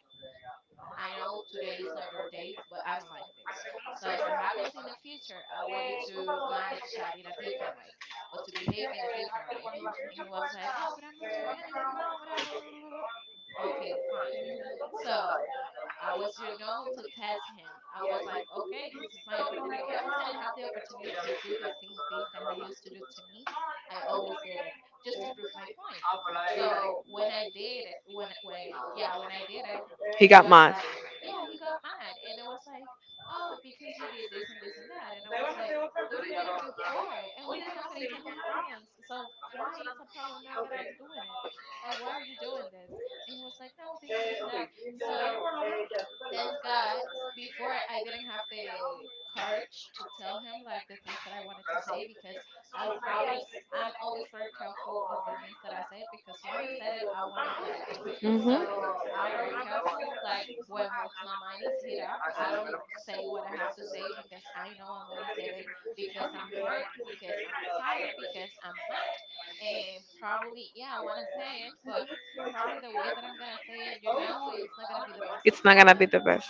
Speaker 2: I know today is not your day, but I don't like this. So if it happens in the future, I want you to manage that in a different way or to behave in a different way. And he was like, "Oh, but I'm not doing anything wrong, whatever, blah, blah, blah." Okay, fine. So I was, you know, to test him. I was like, okay, this is my opportunity. Every time I have the opportunity to do the same thing that he used to do to me, I always did it just to prove my point. So when I did it, when yeah, when I did it,
Speaker 1: He
Speaker 2: he
Speaker 1: got
Speaker 2: was
Speaker 1: mad.
Speaker 2: like, yeah, he got mad, and I was like, oh, because you did this and this and that, and I was like, but you did it before, and we didn't have any type of problems. So why it's a problem now that I'm doing it? Like, why are you doing this? And he was like, no, this and this and that. So thanks God, before I didn't have the courage to tell him like the things that I wanted to say because I, w- I was I'm always very careful of the things that I say, because when I said it I won't regret.
Speaker 1: Mm-hmm.
Speaker 2: So I'm very careful. Like when my mind is hit up, I don't say what I have to say because I know I'm gonna say it because I'm hurt, because I'm tired, because I'm mad, and probably yeah I wanna say it, but probably the way that I'm gonna say it, you know, it's not gonna
Speaker 1: Not
Speaker 2: be
Speaker 1: the
Speaker 2: the best
Speaker 1: best.
Speaker 2: one.
Speaker 1: Gonna be the best.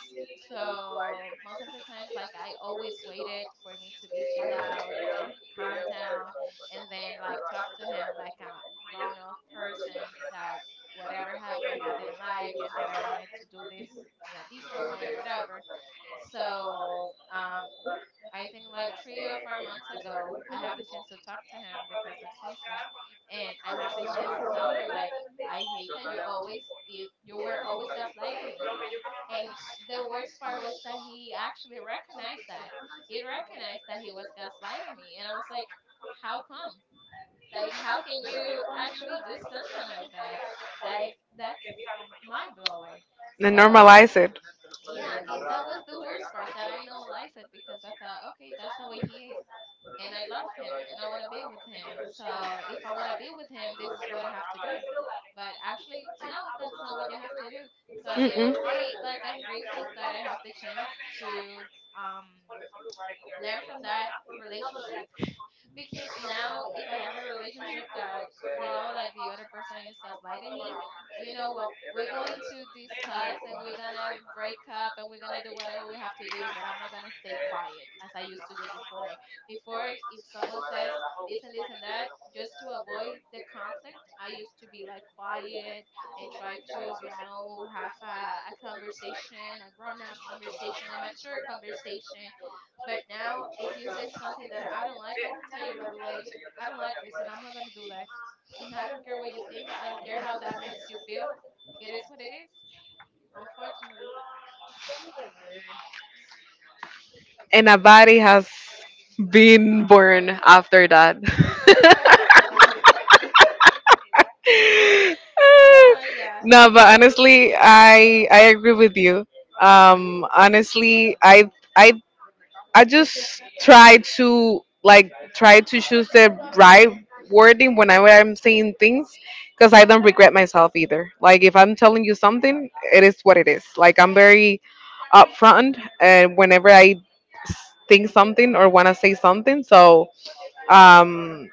Speaker 2: So most of the times, like I always waited for me to be chill out, to calm down, and then like talk to him like a grown up person that whatever happened I didn't like and that I wanted to do this in a different way and whatever. So I think like 3 or 4 months ago, I have the chance to talk to him because of something, and I have the chance to tell him like I hate that you were always gaslighting me, and the worst part was that he actually recognized that. He recognized that he was gaslighting me. And I was like, how come? Like, how can you actually do something like that? Like, that's mind blowing.
Speaker 1: Then
Speaker 2: So
Speaker 1: normalize it.
Speaker 2: yeah, and that was the worst part, that I normalized it because I thought, okay, that's the way he is. And I love him and I want to be with him. So if I want to be with him, this is what I have to do. But actually, no, that's not what you have to do. So at the end of
Speaker 1: Mm-mm.
Speaker 2: the day, like I'm grateful that I have the chance to um, learn from that relationship, because now if I have a relationship that, you know, like the other person is gaslighting me, you know what, we're going to discuss and we're gonna break up and we're gonna do whatever we have to do, but I'm not gonna stay quiet as I used to do before. Before, if someone says this and this and that, just to avoid the conflict, I used to be like quiet and try to, you know, have a conversation, a grown up conversation, a mature conversation, but now, if you say something that I don't like, I will tell you right away. I don't like this, and I'm not gonna do that. And I don't care what you think. I don't care how that makes you feel. It is what it is. Unfortunately.
Speaker 1: And a body has been born after that.
Speaker 2: ah, yeah,
Speaker 1: No, but
Speaker 2: truly.
Speaker 1: honestly, I agree with you. Honestly, I really, like, I just try to like try to choose the right wording when I'm saying things, because I don't regret myself either. Like if I'm telling you something, it is what it is. Like I'm very upfront, and whenever I think something or want to say something. So um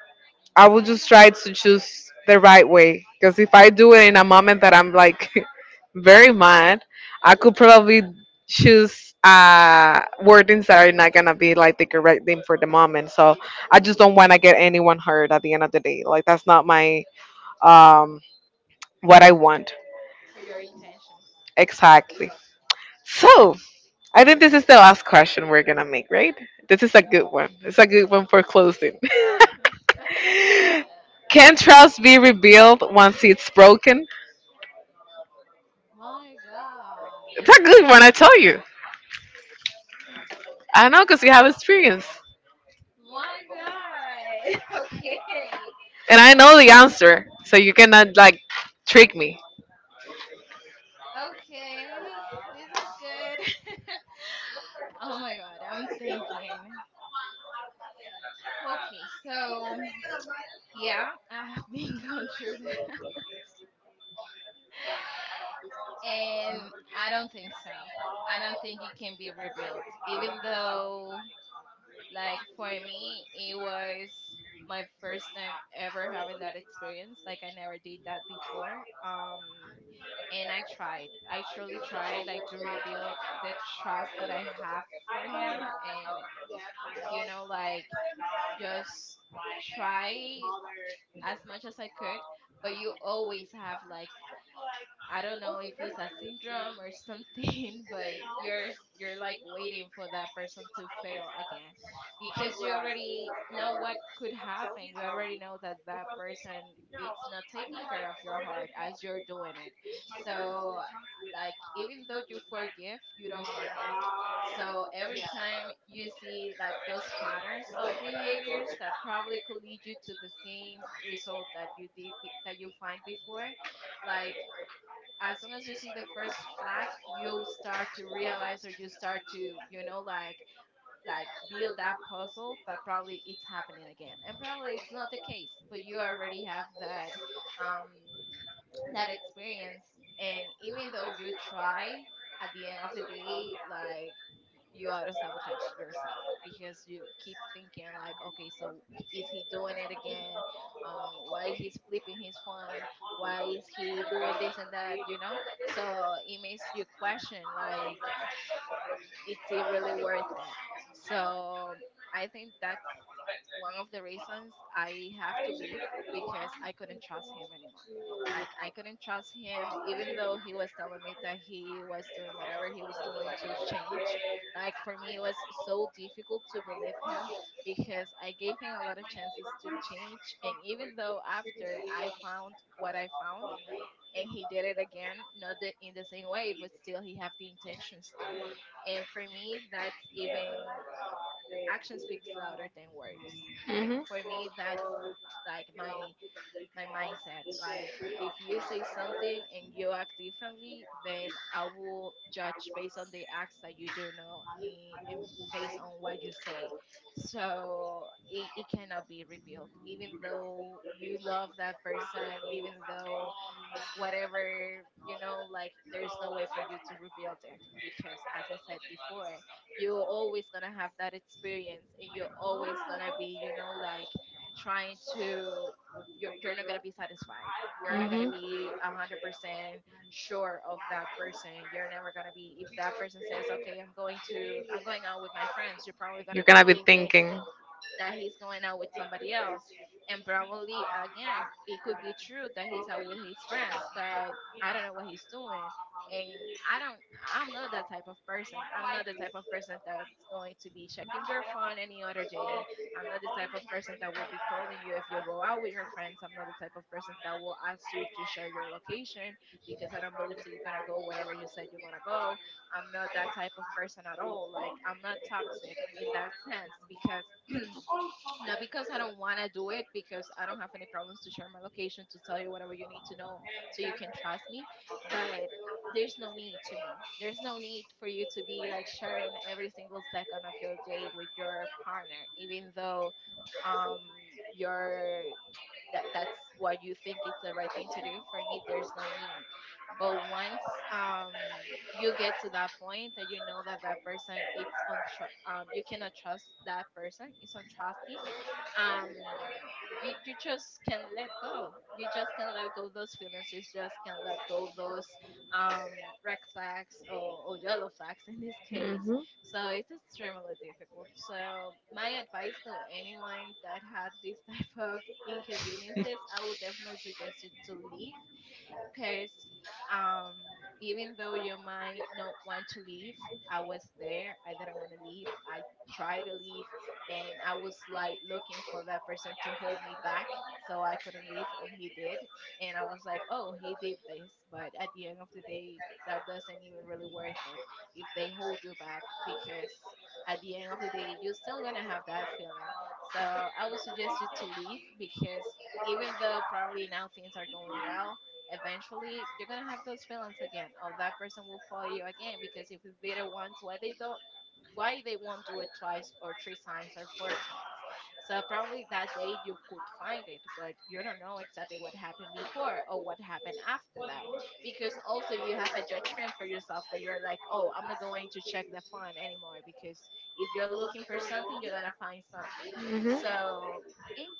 Speaker 1: I would just try to choose the right way. Because if I do it in a moment that I'm like very mad, I could probably choose wordings that are not gonna be like the correct thing for the moment. So I just don't want to get anyone hurt at the end of the day. Like that's not my um what I want.
Speaker 2: Or your intentions.
Speaker 1: Exactly. So I think this is the last question we're gonna make, right? This is a good one. It's a good one for closing. Can trust be rebuilt once it's broken?
Speaker 2: My
Speaker 1: It's a
Speaker 2: God.
Speaker 1: good one, I tell you. I know because you have experience.
Speaker 2: My God. okay.
Speaker 1: And I know the answer. So you cannot, like, trick me.
Speaker 2: Okay, this is good. oh my god, I'm thinking. Okay, so yeah, I've been going through that. And I don't think so. I don't think it can be rebuilt, even though, like for me, it was my first time ever having that experience. Like I never did that before. And I tried. I truly tried, like to rebuild the trust that I have for him, and, you know, like just try as much as I could. But you always have like, I don't know if it's a syndrome or something, but you're like waiting for that person to fail again, because you already know what could happen. You already know that that person, it's not taking care of your heart as you're doing it. So like even though you forgive, you don't forget. So every time you see like those patterns of behaviors that probably could lead you to the same result that that you find before, like as soon as you see the first flag, you start to realize or you start to, you know, like build that puzzle that probably it's happening again, and probably it's not the case, but you already have that um that experience. And even though you try, at the end of the day, like, you auto sabotage yourself because you keep thinking like, okay, so is he doing it again, um, why he's flipping his phone, why is he doing this and that, you know. So it makes you question like, it's it really worth it. So I think that's one of the reasons I have to leave, because I couldn't trust him anymore. Like I couldn't trust him, even though he was telling me that he was doing whatever he was doing to change. Like for me it was so difficult to believe him, because I gave him a lot of chances to change, and even though after I found what I found and he did it again, not the, in the same way, but still he have the intentions to. And for me, that's even, action speaks louder than words. Like
Speaker 1: Mhm.
Speaker 2: for me, that's like my mindset. Like if you say something and you act differently, then I will judge based on the acts that you do know, and based on what you say. So it cannot be rebuilt, even though you love that person, even though whatever, you know, like there's no way for you to rebuild it, because as I said before, you're always gonna have that experience, and you're always gonna be, you know, like trying to, you're not gonna be satisfied, you're not gonna
Speaker 1: Mhm.
Speaker 2: be a 100% sure of that person. You're never gonna be. If that person says, okay, I'm going out with my friends, you're probably gonna
Speaker 1: You're going
Speaker 2: be
Speaker 1: to be
Speaker 2: thinking
Speaker 1: thinking.
Speaker 2: that he's going out with somebody else. And probably, again, it could be true that he's out with his friends, but I don't know what he's doing. And I don't, I'm not that type of person. I'm not the type of person that's going to be checking your phone any other day. I'm not the type of person that will be calling you if you go out with your friends. I'm not the type of person that will ask you to share your location, because I don't believe that you're gonna go whatever you said you're gonna go. I'm not that type of person at all. Like I'm not toxic in that sense, because not because I don't want to do it, because I don't have any problems to share my location, to tell you whatever you need to know so you can trust me. But there's no need to me. There's no need for you to be like sharing every single second of your day with your partner, even though, um, your that's what you think it's the right thing to do. For me, there's no need. But once, um, you get to that point that you know that that person it's on, you cannot trust that person, it's untrusty, um, you just can not let go, you just can not let go those feelings, you just can not let go those um red flags, or yellow flags in this case.
Speaker 1: Mhm.
Speaker 2: So it's extremely difficult. So my advice to anyone that had this type of inconveniences, I would definitely suggest you to leave, because, um, even though you might not want to leave, I was there. I didn't want to leave. I tried to leave, and I was like looking for that person to hold me back, so I couldn't leave, and he did. And I was like, oh, he did this, but at the end of the day, that doesn't even really worth it, if they hold you back, because at the end of the day, you're still gonna have that feeling. So I would suggest you to leave because even though probably now things are going well, eventually you're gonna have those feelings again. Oh, that person will follow you again, because if they did it once, why they won't do it twice or three times or four times. So probably that day you could find it, but you don't know exactly what happened before or what happened after that. Because also you have a judgment for yourself that you're like, oh, I'm not going to check the phone anymore because if you're looking for something, you're gonna find something.
Speaker 1: Mhm.
Speaker 2: So it's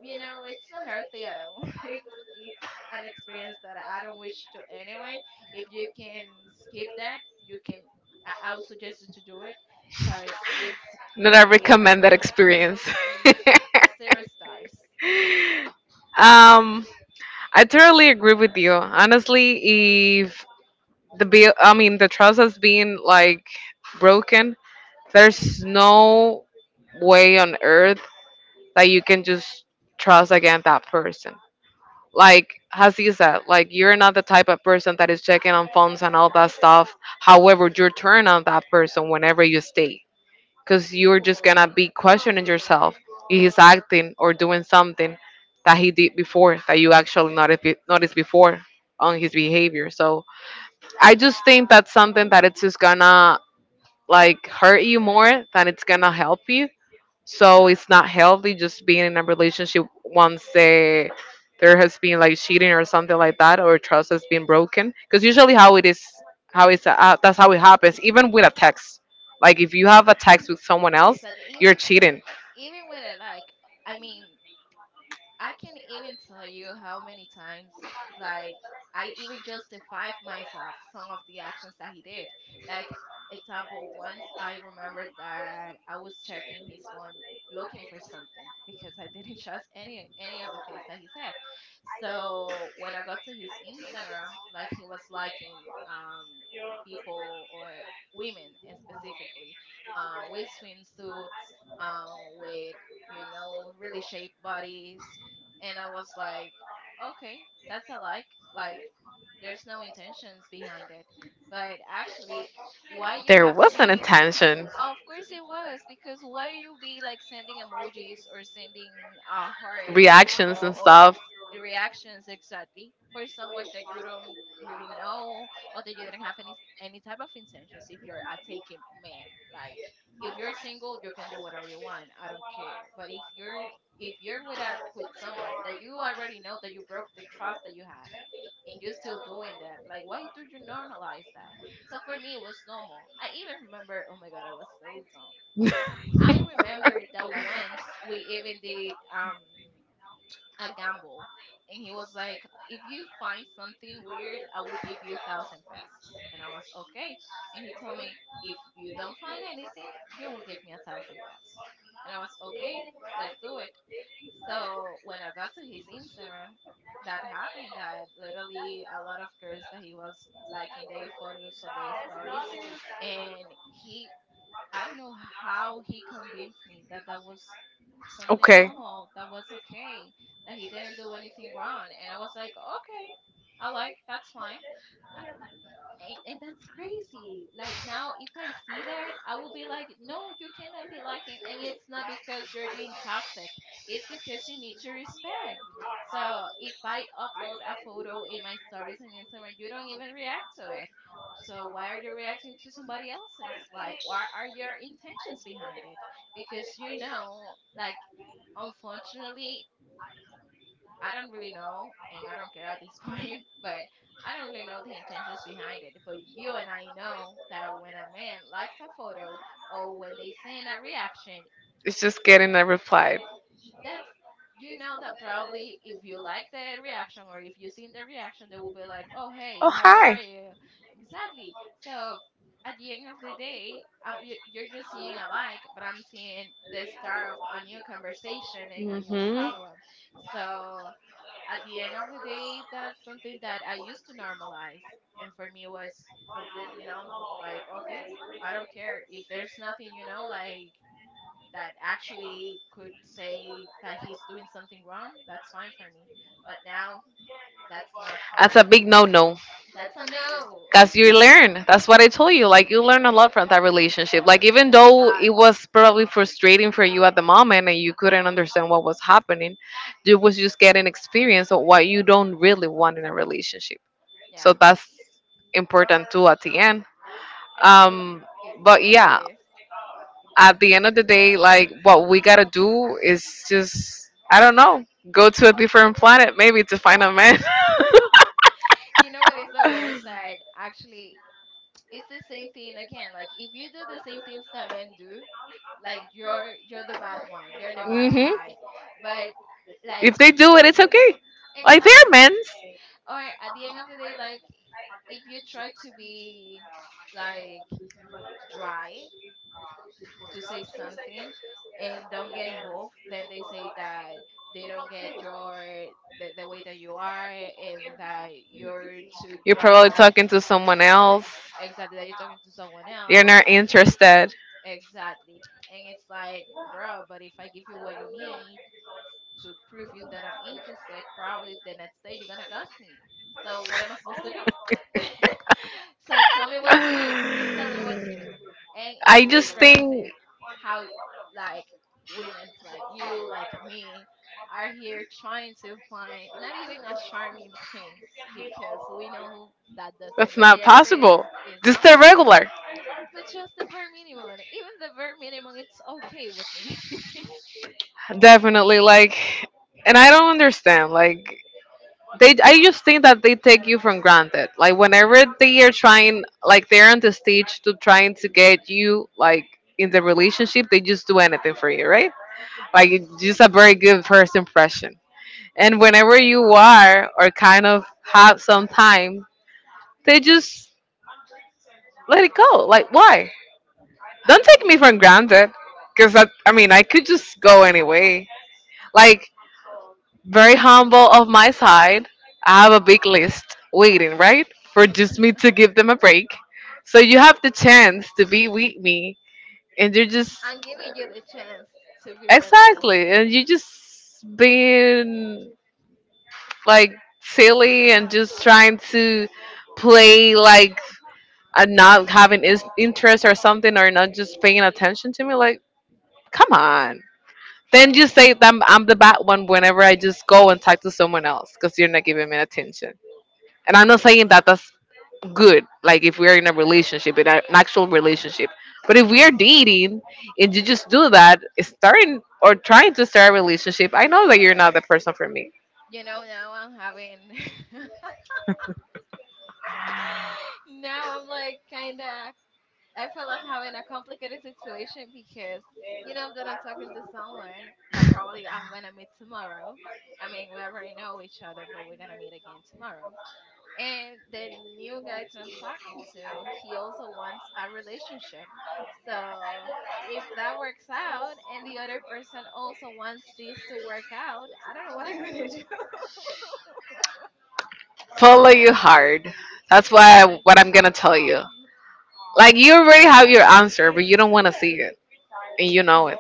Speaker 2: it's not healthy at all. It's an experience that I don't wish to anyone. If you can skip that, you can I would suggest you to do it because it's
Speaker 1: Not I
Speaker 2: really
Speaker 1: recommend that
Speaker 2: heartbreaking.
Speaker 1: experience.
Speaker 2: Mm, Zero stars.
Speaker 1: um, I totally agree with you. Honestly, if the bill, I mean, the trust has been like broken, there's no way on earth that you can just trust again that person. Like, as you said, like you're not the type of person that is checking on phones and all that stuff. However, you turn on that person whenever you stay. Because you're just gonna be questioning yourself if he's acting or doing something that he did before that you actually noticed noticed before on his behavior. So I just think that's something that it's just gonna like hurt you more than it's gonna help you. So it's not healthy just being in a relationship once there has been like cheating or something like that, or trust has been broken. Because usually how it is, how it's that's how it happens. Even with a text, like if you have a text with someone else,
Speaker 2: Exactly. Even
Speaker 1: you're cheating.
Speaker 2: even when I I mean, I can even tell you how many times, like, I even justified myself some of the actions that he did. Like, example, once I remembered that I was checking his phone looking for something because I didn't trust any of the things that he said. So when I got to his Instagram, like he was liking um people or women specifically, with swimsuits, with you know really shaped bodies and I was like, okay, that's a like. Like, there's no intentions behind it, but actually, why you
Speaker 1: There
Speaker 2: have to
Speaker 1: was an
Speaker 2: be —
Speaker 1: intention.
Speaker 2: of course it was, because why you be like sending emojis or sending a heart
Speaker 1: Reactions
Speaker 2: or,
Speaker 1: and
Speaker 2: or
Speaker 1: stuff.
Speaker 2: reactions exactly for someone that you don't really know or that you didn't have any type of intentions if you're a taken man, like if you're single you can do whatever you want, I don't care, but if you're — if you're with a with someone that you already know that you broke the trust that you have and you're still doing that. Like, why do you normalize that? So for me, it was normal. I even remember, oh my God, I was so dumb. I remember that once we even did a gamble, and he was like, if you find something weird, I will give you 1,000 pesos. And I was okay. And he told me, if you don't find anything, you will give me 1,000 pesos. And I was okay, let's do it. So when I got to his Instagram, that happened that literally a lot of girls that he was liking their photos or their stories, and he — I don't know how he convinced me that that was something
Speaker 1: Okay.
Speaker 2: normal, that was okay, that he didn't do anything wrong, and I was like, okay, I like that's fine. And that's crazy. Like now, if I see that, I will be like, no, you cannot be like it. And it's not because you're being toxic. It's because you need to respect. So if I upload a photo in my stories on Instagram, you don't even react to it. So why are you reacting to somebody else's? Like, what are your intentions behind it? Because you know, like, unfortunately, I don't really know, and I don't care at this point, but I don't really know the intentions behind it. But you and I know that when a man likes a photo or when they send a reaction,
Speaker 1: It's just getting a reply.
Speaker 2: that's — you know that probably if you like the reaction or if you seen the reaction, they will be like, "Oh,
Speaker 1: Oh,
Speaker 2: hey, how are
Speaker 1: hi.
Speaker 2: you?" Exactly. So at the end of the day, you- you're just seeing a like, but I'm seeing the start of a new conversation and a new
Speaker 1: Hmm.
Speaker 2: problem. So at the end of the day, that's something that I used to normalize. And for me, it was completely normal. Like, okay, I don't care. If there's nothing, you know, like, that actually could say that he's doing something wrong, that's fine for me. But now that's not
Speaker 1: That's
Speaker 2: fine.
Speaker 1: a big no no.
Speaker 2: That's a no.
Speaker 1: Because you learn. That's what I told you. Like, you learn a lot from that relationship. Like, even
Speaker 2: Thanks
Speaker 1: though
Speaker 2: God.
Speaker 1: it was probably frustrating for you at the moment and you couldn't understand what was happening, you was just getting experience of what you don't really want in a relationship.
Speaker 2: Yeah,
Speaker 1: So that's important too at the end. Um,
Speaker 2: it,
Speaker 1: but
Speaker 2: it
Speaker 1: yeah,
Speaker 2: truly
Speaker 1: at the end of the day, like, what we gotta do is just, I don't know, go to a different planet maybe to find a
Speaker 2: is.
Speaker 1: man.
Speaker 2: You know what is the worst, that actually it's the same thing again. Like if you do the same things that men do, like you're the bad one, you're the bad
Speaker 1: Hmm.
Speaker 2: guy. But like,
Speaker 1: If they do it, it's okay. Like they're
Speaker 2: exactly.
Speaker 1: men.
Speaker 2: Or at the end of the day, like if you try to be like dry to say something and don't get involved, then they say that they don't get your — the way that you are and that you're too
Speaker 1: You're probably
Speaker 2: dry,
Speaker 1: talking to someone else.
Speaker 2: exactly, that you're talking to someone
Speaker 1: You're
Speaker 2: else.
Speaker 1: not interested.
Speaker 2: Exactly. And it's like, bro, but if I give you what you need to prove you that I'm interested, probably the next day you're gonna ghost me. So what am I supposed to do? So tell me what to do. Tell me what to do. And it's
Speaker 1: I just think
Speaker 2: impressive how, like, women's like you, like me, are here trying to find not even a charming prince because we know that doesn't
Speaker 1: that's
Speaker 2: really
Speaker 1: not
Speaker 2: exist.
Speaker 1: possible.
Speaker 2: It's
Speaker 1: Just
Speaker 2: not
Speaker 1: a
Speaker 2: possible,
Speaker 1: regular.
Speaker 2: but just the bare minimum, even the bare minimum, it's okay with me.
Speaker 1: Definitely, like, and I don't understand. Like, I just think that they take you from granted. Like, whenever they are trying, like, they're on the stage to trying to get you, like, in the relationship, they just do anything for you, right? Like, it's just a very good first impression. And whenever you are or kind of have some time, they just let it go. Like, why?
Speaker 2: I
Speaker 1: Don't
Speaker 2: don't
Speaker 1: take me for
Speaker 2: understand it.
Speaker 1: granted, because I mean, I could just go anyway. Like, very
Speaker 2: I don't get it.
Speaker 1: humble of my side. I have a big list waiting, right? For just me to give them a break. So you have the chance to be with me and you're just...
Speaker 2: I'm giving you the chance to be with me,
Speaker 1: Exactly. And you just being, like, silly and just trying to play, like, and not having is interest or something or not just paying attention to me, like, come on. Then you
Speaker 2: truly.
Speaker 1: say that I'm the bad one whenever I just go and talk to someone else because you're not giving me attention. And I'm
Speaker 2: Thank
Speaker 1: not
Speaker 2: you.
Speaker 1: saying that that's good. Like if we're in a relationship, in an actual relationship. But if we are dating and you just do that, starting or trying to start a relationship, I know that you're not the person for me.
Speaker 2: You know, now I'm having. Now I'm like kind of — I feel like I'm having a complicated situation because you know that I'm talking to someone that probably I'm gonna meet tomorrow. I mean, we already know each other, but we're gonna meet again tomorrow. And the new guy that I'm talking to, he also wants a relationship. So if that works out and the other person also wants this to work out, I don't know what I'm gonna do.
Speaker 1: Follow your heart. That's why what I'm gonna tell you. Like you already have your answer, but you don't want to see it, and you know it.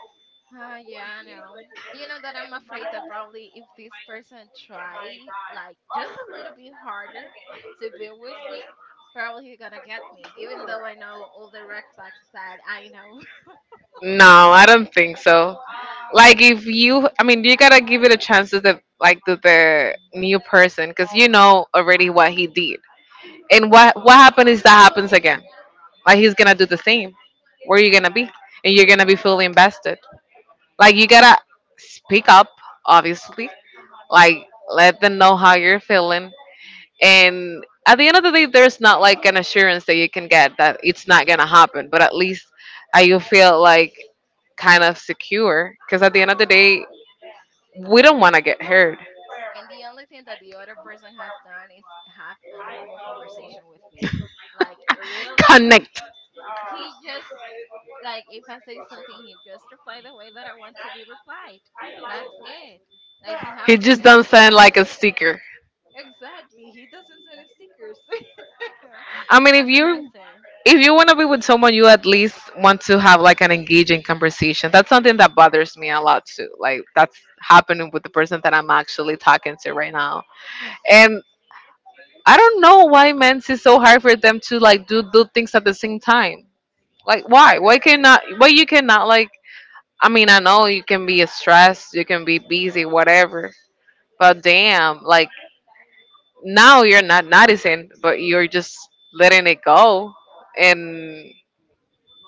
Speaker 2: Yeah, I know. You know that I'm afraid that probably if this person try like just a little bit harder to be with me, probably he gonna get me, even though I know all the red flags that I know.
Speaker 1: No, I don't think so. Like if you, I mean, you gotta give it a chance to the, like, to the new person because you know already what he did and what happened is that happens again. Like he's gonna do the same. Where you gonna be? And you're gonna be fully invested. Like you gotta speak up, obviously. Like let them know how you're feeling, and at the end of the day there's not like an assurance that you can get that it's not gonna happen, but at least I you feel like kind of secure, because at the end of the day we don't want to get hurt.
Speaker 2: And the only thing that the other person has done is have a normal conversation with me. Like, literally,
Speaker 1: Connect.
Speaker 2: he just — like if I say something, he just reply the way that I want to be replied. That's it. Like he
Speaker 1: He
Speaker 2: haven't done
Speaker 1: just doesn't
Speaker 2: anything
Speaker 1: sound
Speaker 2: new.
Speaker 1: like a sticker.
Speaker 2: Exactly. He doesn't send his stickers
Speaker 1: I mean, if
Speaker 2: as an
Speaker 1: you...
Speaker 2: answer.
Speaker 1: if you want to be with someone, you at least want to have like an engaging conversation. That's something that bothers me a lot too, like that's happening with the person that I'm actually talking to right now. And I don't know why men's is so hard for them to, like, do things at the same time. Like
Speaker 2: I don't
Speaker 1: why?
Speaker 2: get
Speaker 1: Why
Speaker 2: it.
Speaker 1: cannot? Why you cannot like? I mean, I know you can be stressed, you can be busy, whatever. But damn, like now you're not noticing, but you're just letting it go. And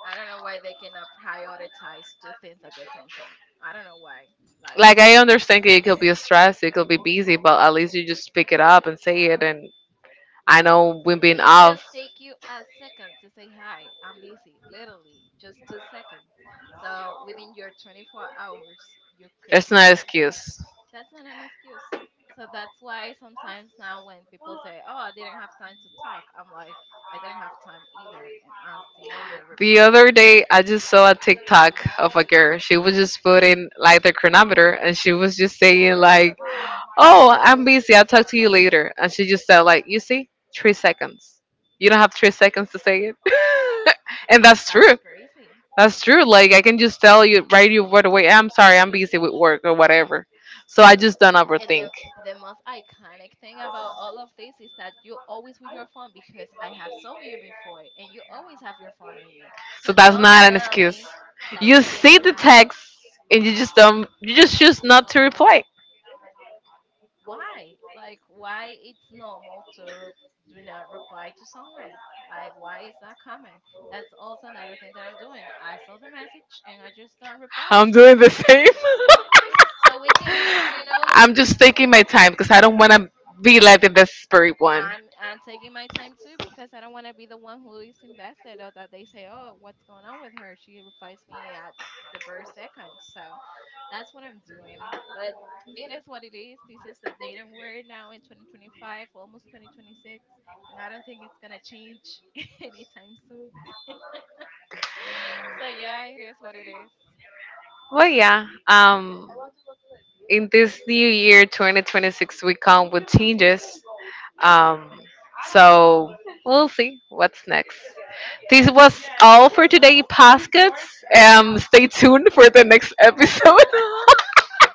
Speaker 2: I don't know why they cannot prioritize two things at the same time. I don't know why. Like,
Speaker 1: like I understand it could be stressed, it could be busy, but at least you just pick it up and say it. And I know we've been
Speaker 2: it just
Speaker 1: off.
Speaker 2: take you a second to say hi, I'm busy. Literally, just two seconds. So within your 24 hours, you could
Speaker 1: It's not an
Speaker 2: not.
Speaker 1: excuse.
Speaker 2: That's not an excuse. So that's why sometimes now when people say, "Oh, I didn't have time to talk," I'm like, "I didn't have time either," and I'll still hear
Speaker 1: The
Speaker 2: replying.
Speaker 1: other day, I just saw a TikTok of a girl. She was just putting like the chronometer, and she was just saying like, "Oh, I'm busy. I'll talk to you later." And she just said like, "You see, 3 seconds. You don't have 3 seconds to say it." And that's
Speaker 2: That's
Speaker 1: true.
Speaker 2: crazy.
Speaker 1: That's
Speaker 2: That's
Speaker 1: true. Like
Speaker 2: crazy.
Speaker 1: I can just tell you right away. I'm sorry. I'm busy with work or whatever. So I just don't
Speaker 2: And
Speaker 1: overthink.
Speaker 2: the most iconic thing about all of this is that you always with your phone because I have saw you before and you always have your phone on you. So
Speaker 1: So that's
Speaker 2: don't
Speaker 1: not an
Speaker 2: tell
Speaker 1: excuse.
Speaker 2: me that
Speaker 1: You
Speaker 2: you didn't
Speaker 1: see the
Speaker 2: have —
Speaker 1: text and you just don't you just choose not to reply.
Speaker 2: why? Like why it's normal to do not reply to someone? Like why is that common? That's also another thing that I'm doing. I saw the message and I just don't
Speaker 1: I'm
Speaker 2: reply.
Speaker 1: doing the same.
Speaker 2: Of course. So we cannot, you know,
Speaker 1: I'm just taking my time because I don't want to be like the desperate one.
Speaker 2: I'm taking my time too because I don't want to be the one who is invested or that they say, "Oh, what's going on with her? She replaced me at the birth second." So that's what I'm doing. But it is what it is. This is the dating world now in 2025, almost 2026, and I don't think it's gonna change anytime soon. So yeah, it is what it is.
Speaker 1: Well, yeah. In this new year, 2026, we come with changes. Um, so we'll see what's next. This was all for today, Paskets. Stay tuned for the next episode.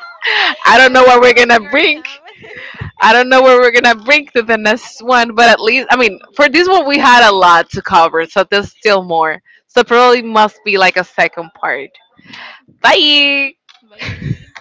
Speaker 1: I don't
Speaker 2: Let
Speaker 1: know
Speaker 2: us
Speaker 1: what we're
Speaker 2: know
Speaker 1: gonna
Speaker 2: in your
Speaker 1: bring.
Speaker 2: comments.
Speaker 1: I don't know where we're gonna bring to the next one, but at least I mean, for this one we had a lot to cover, so there's still more. So probably must be like a second part. Bye.
Speaker 2: Bye.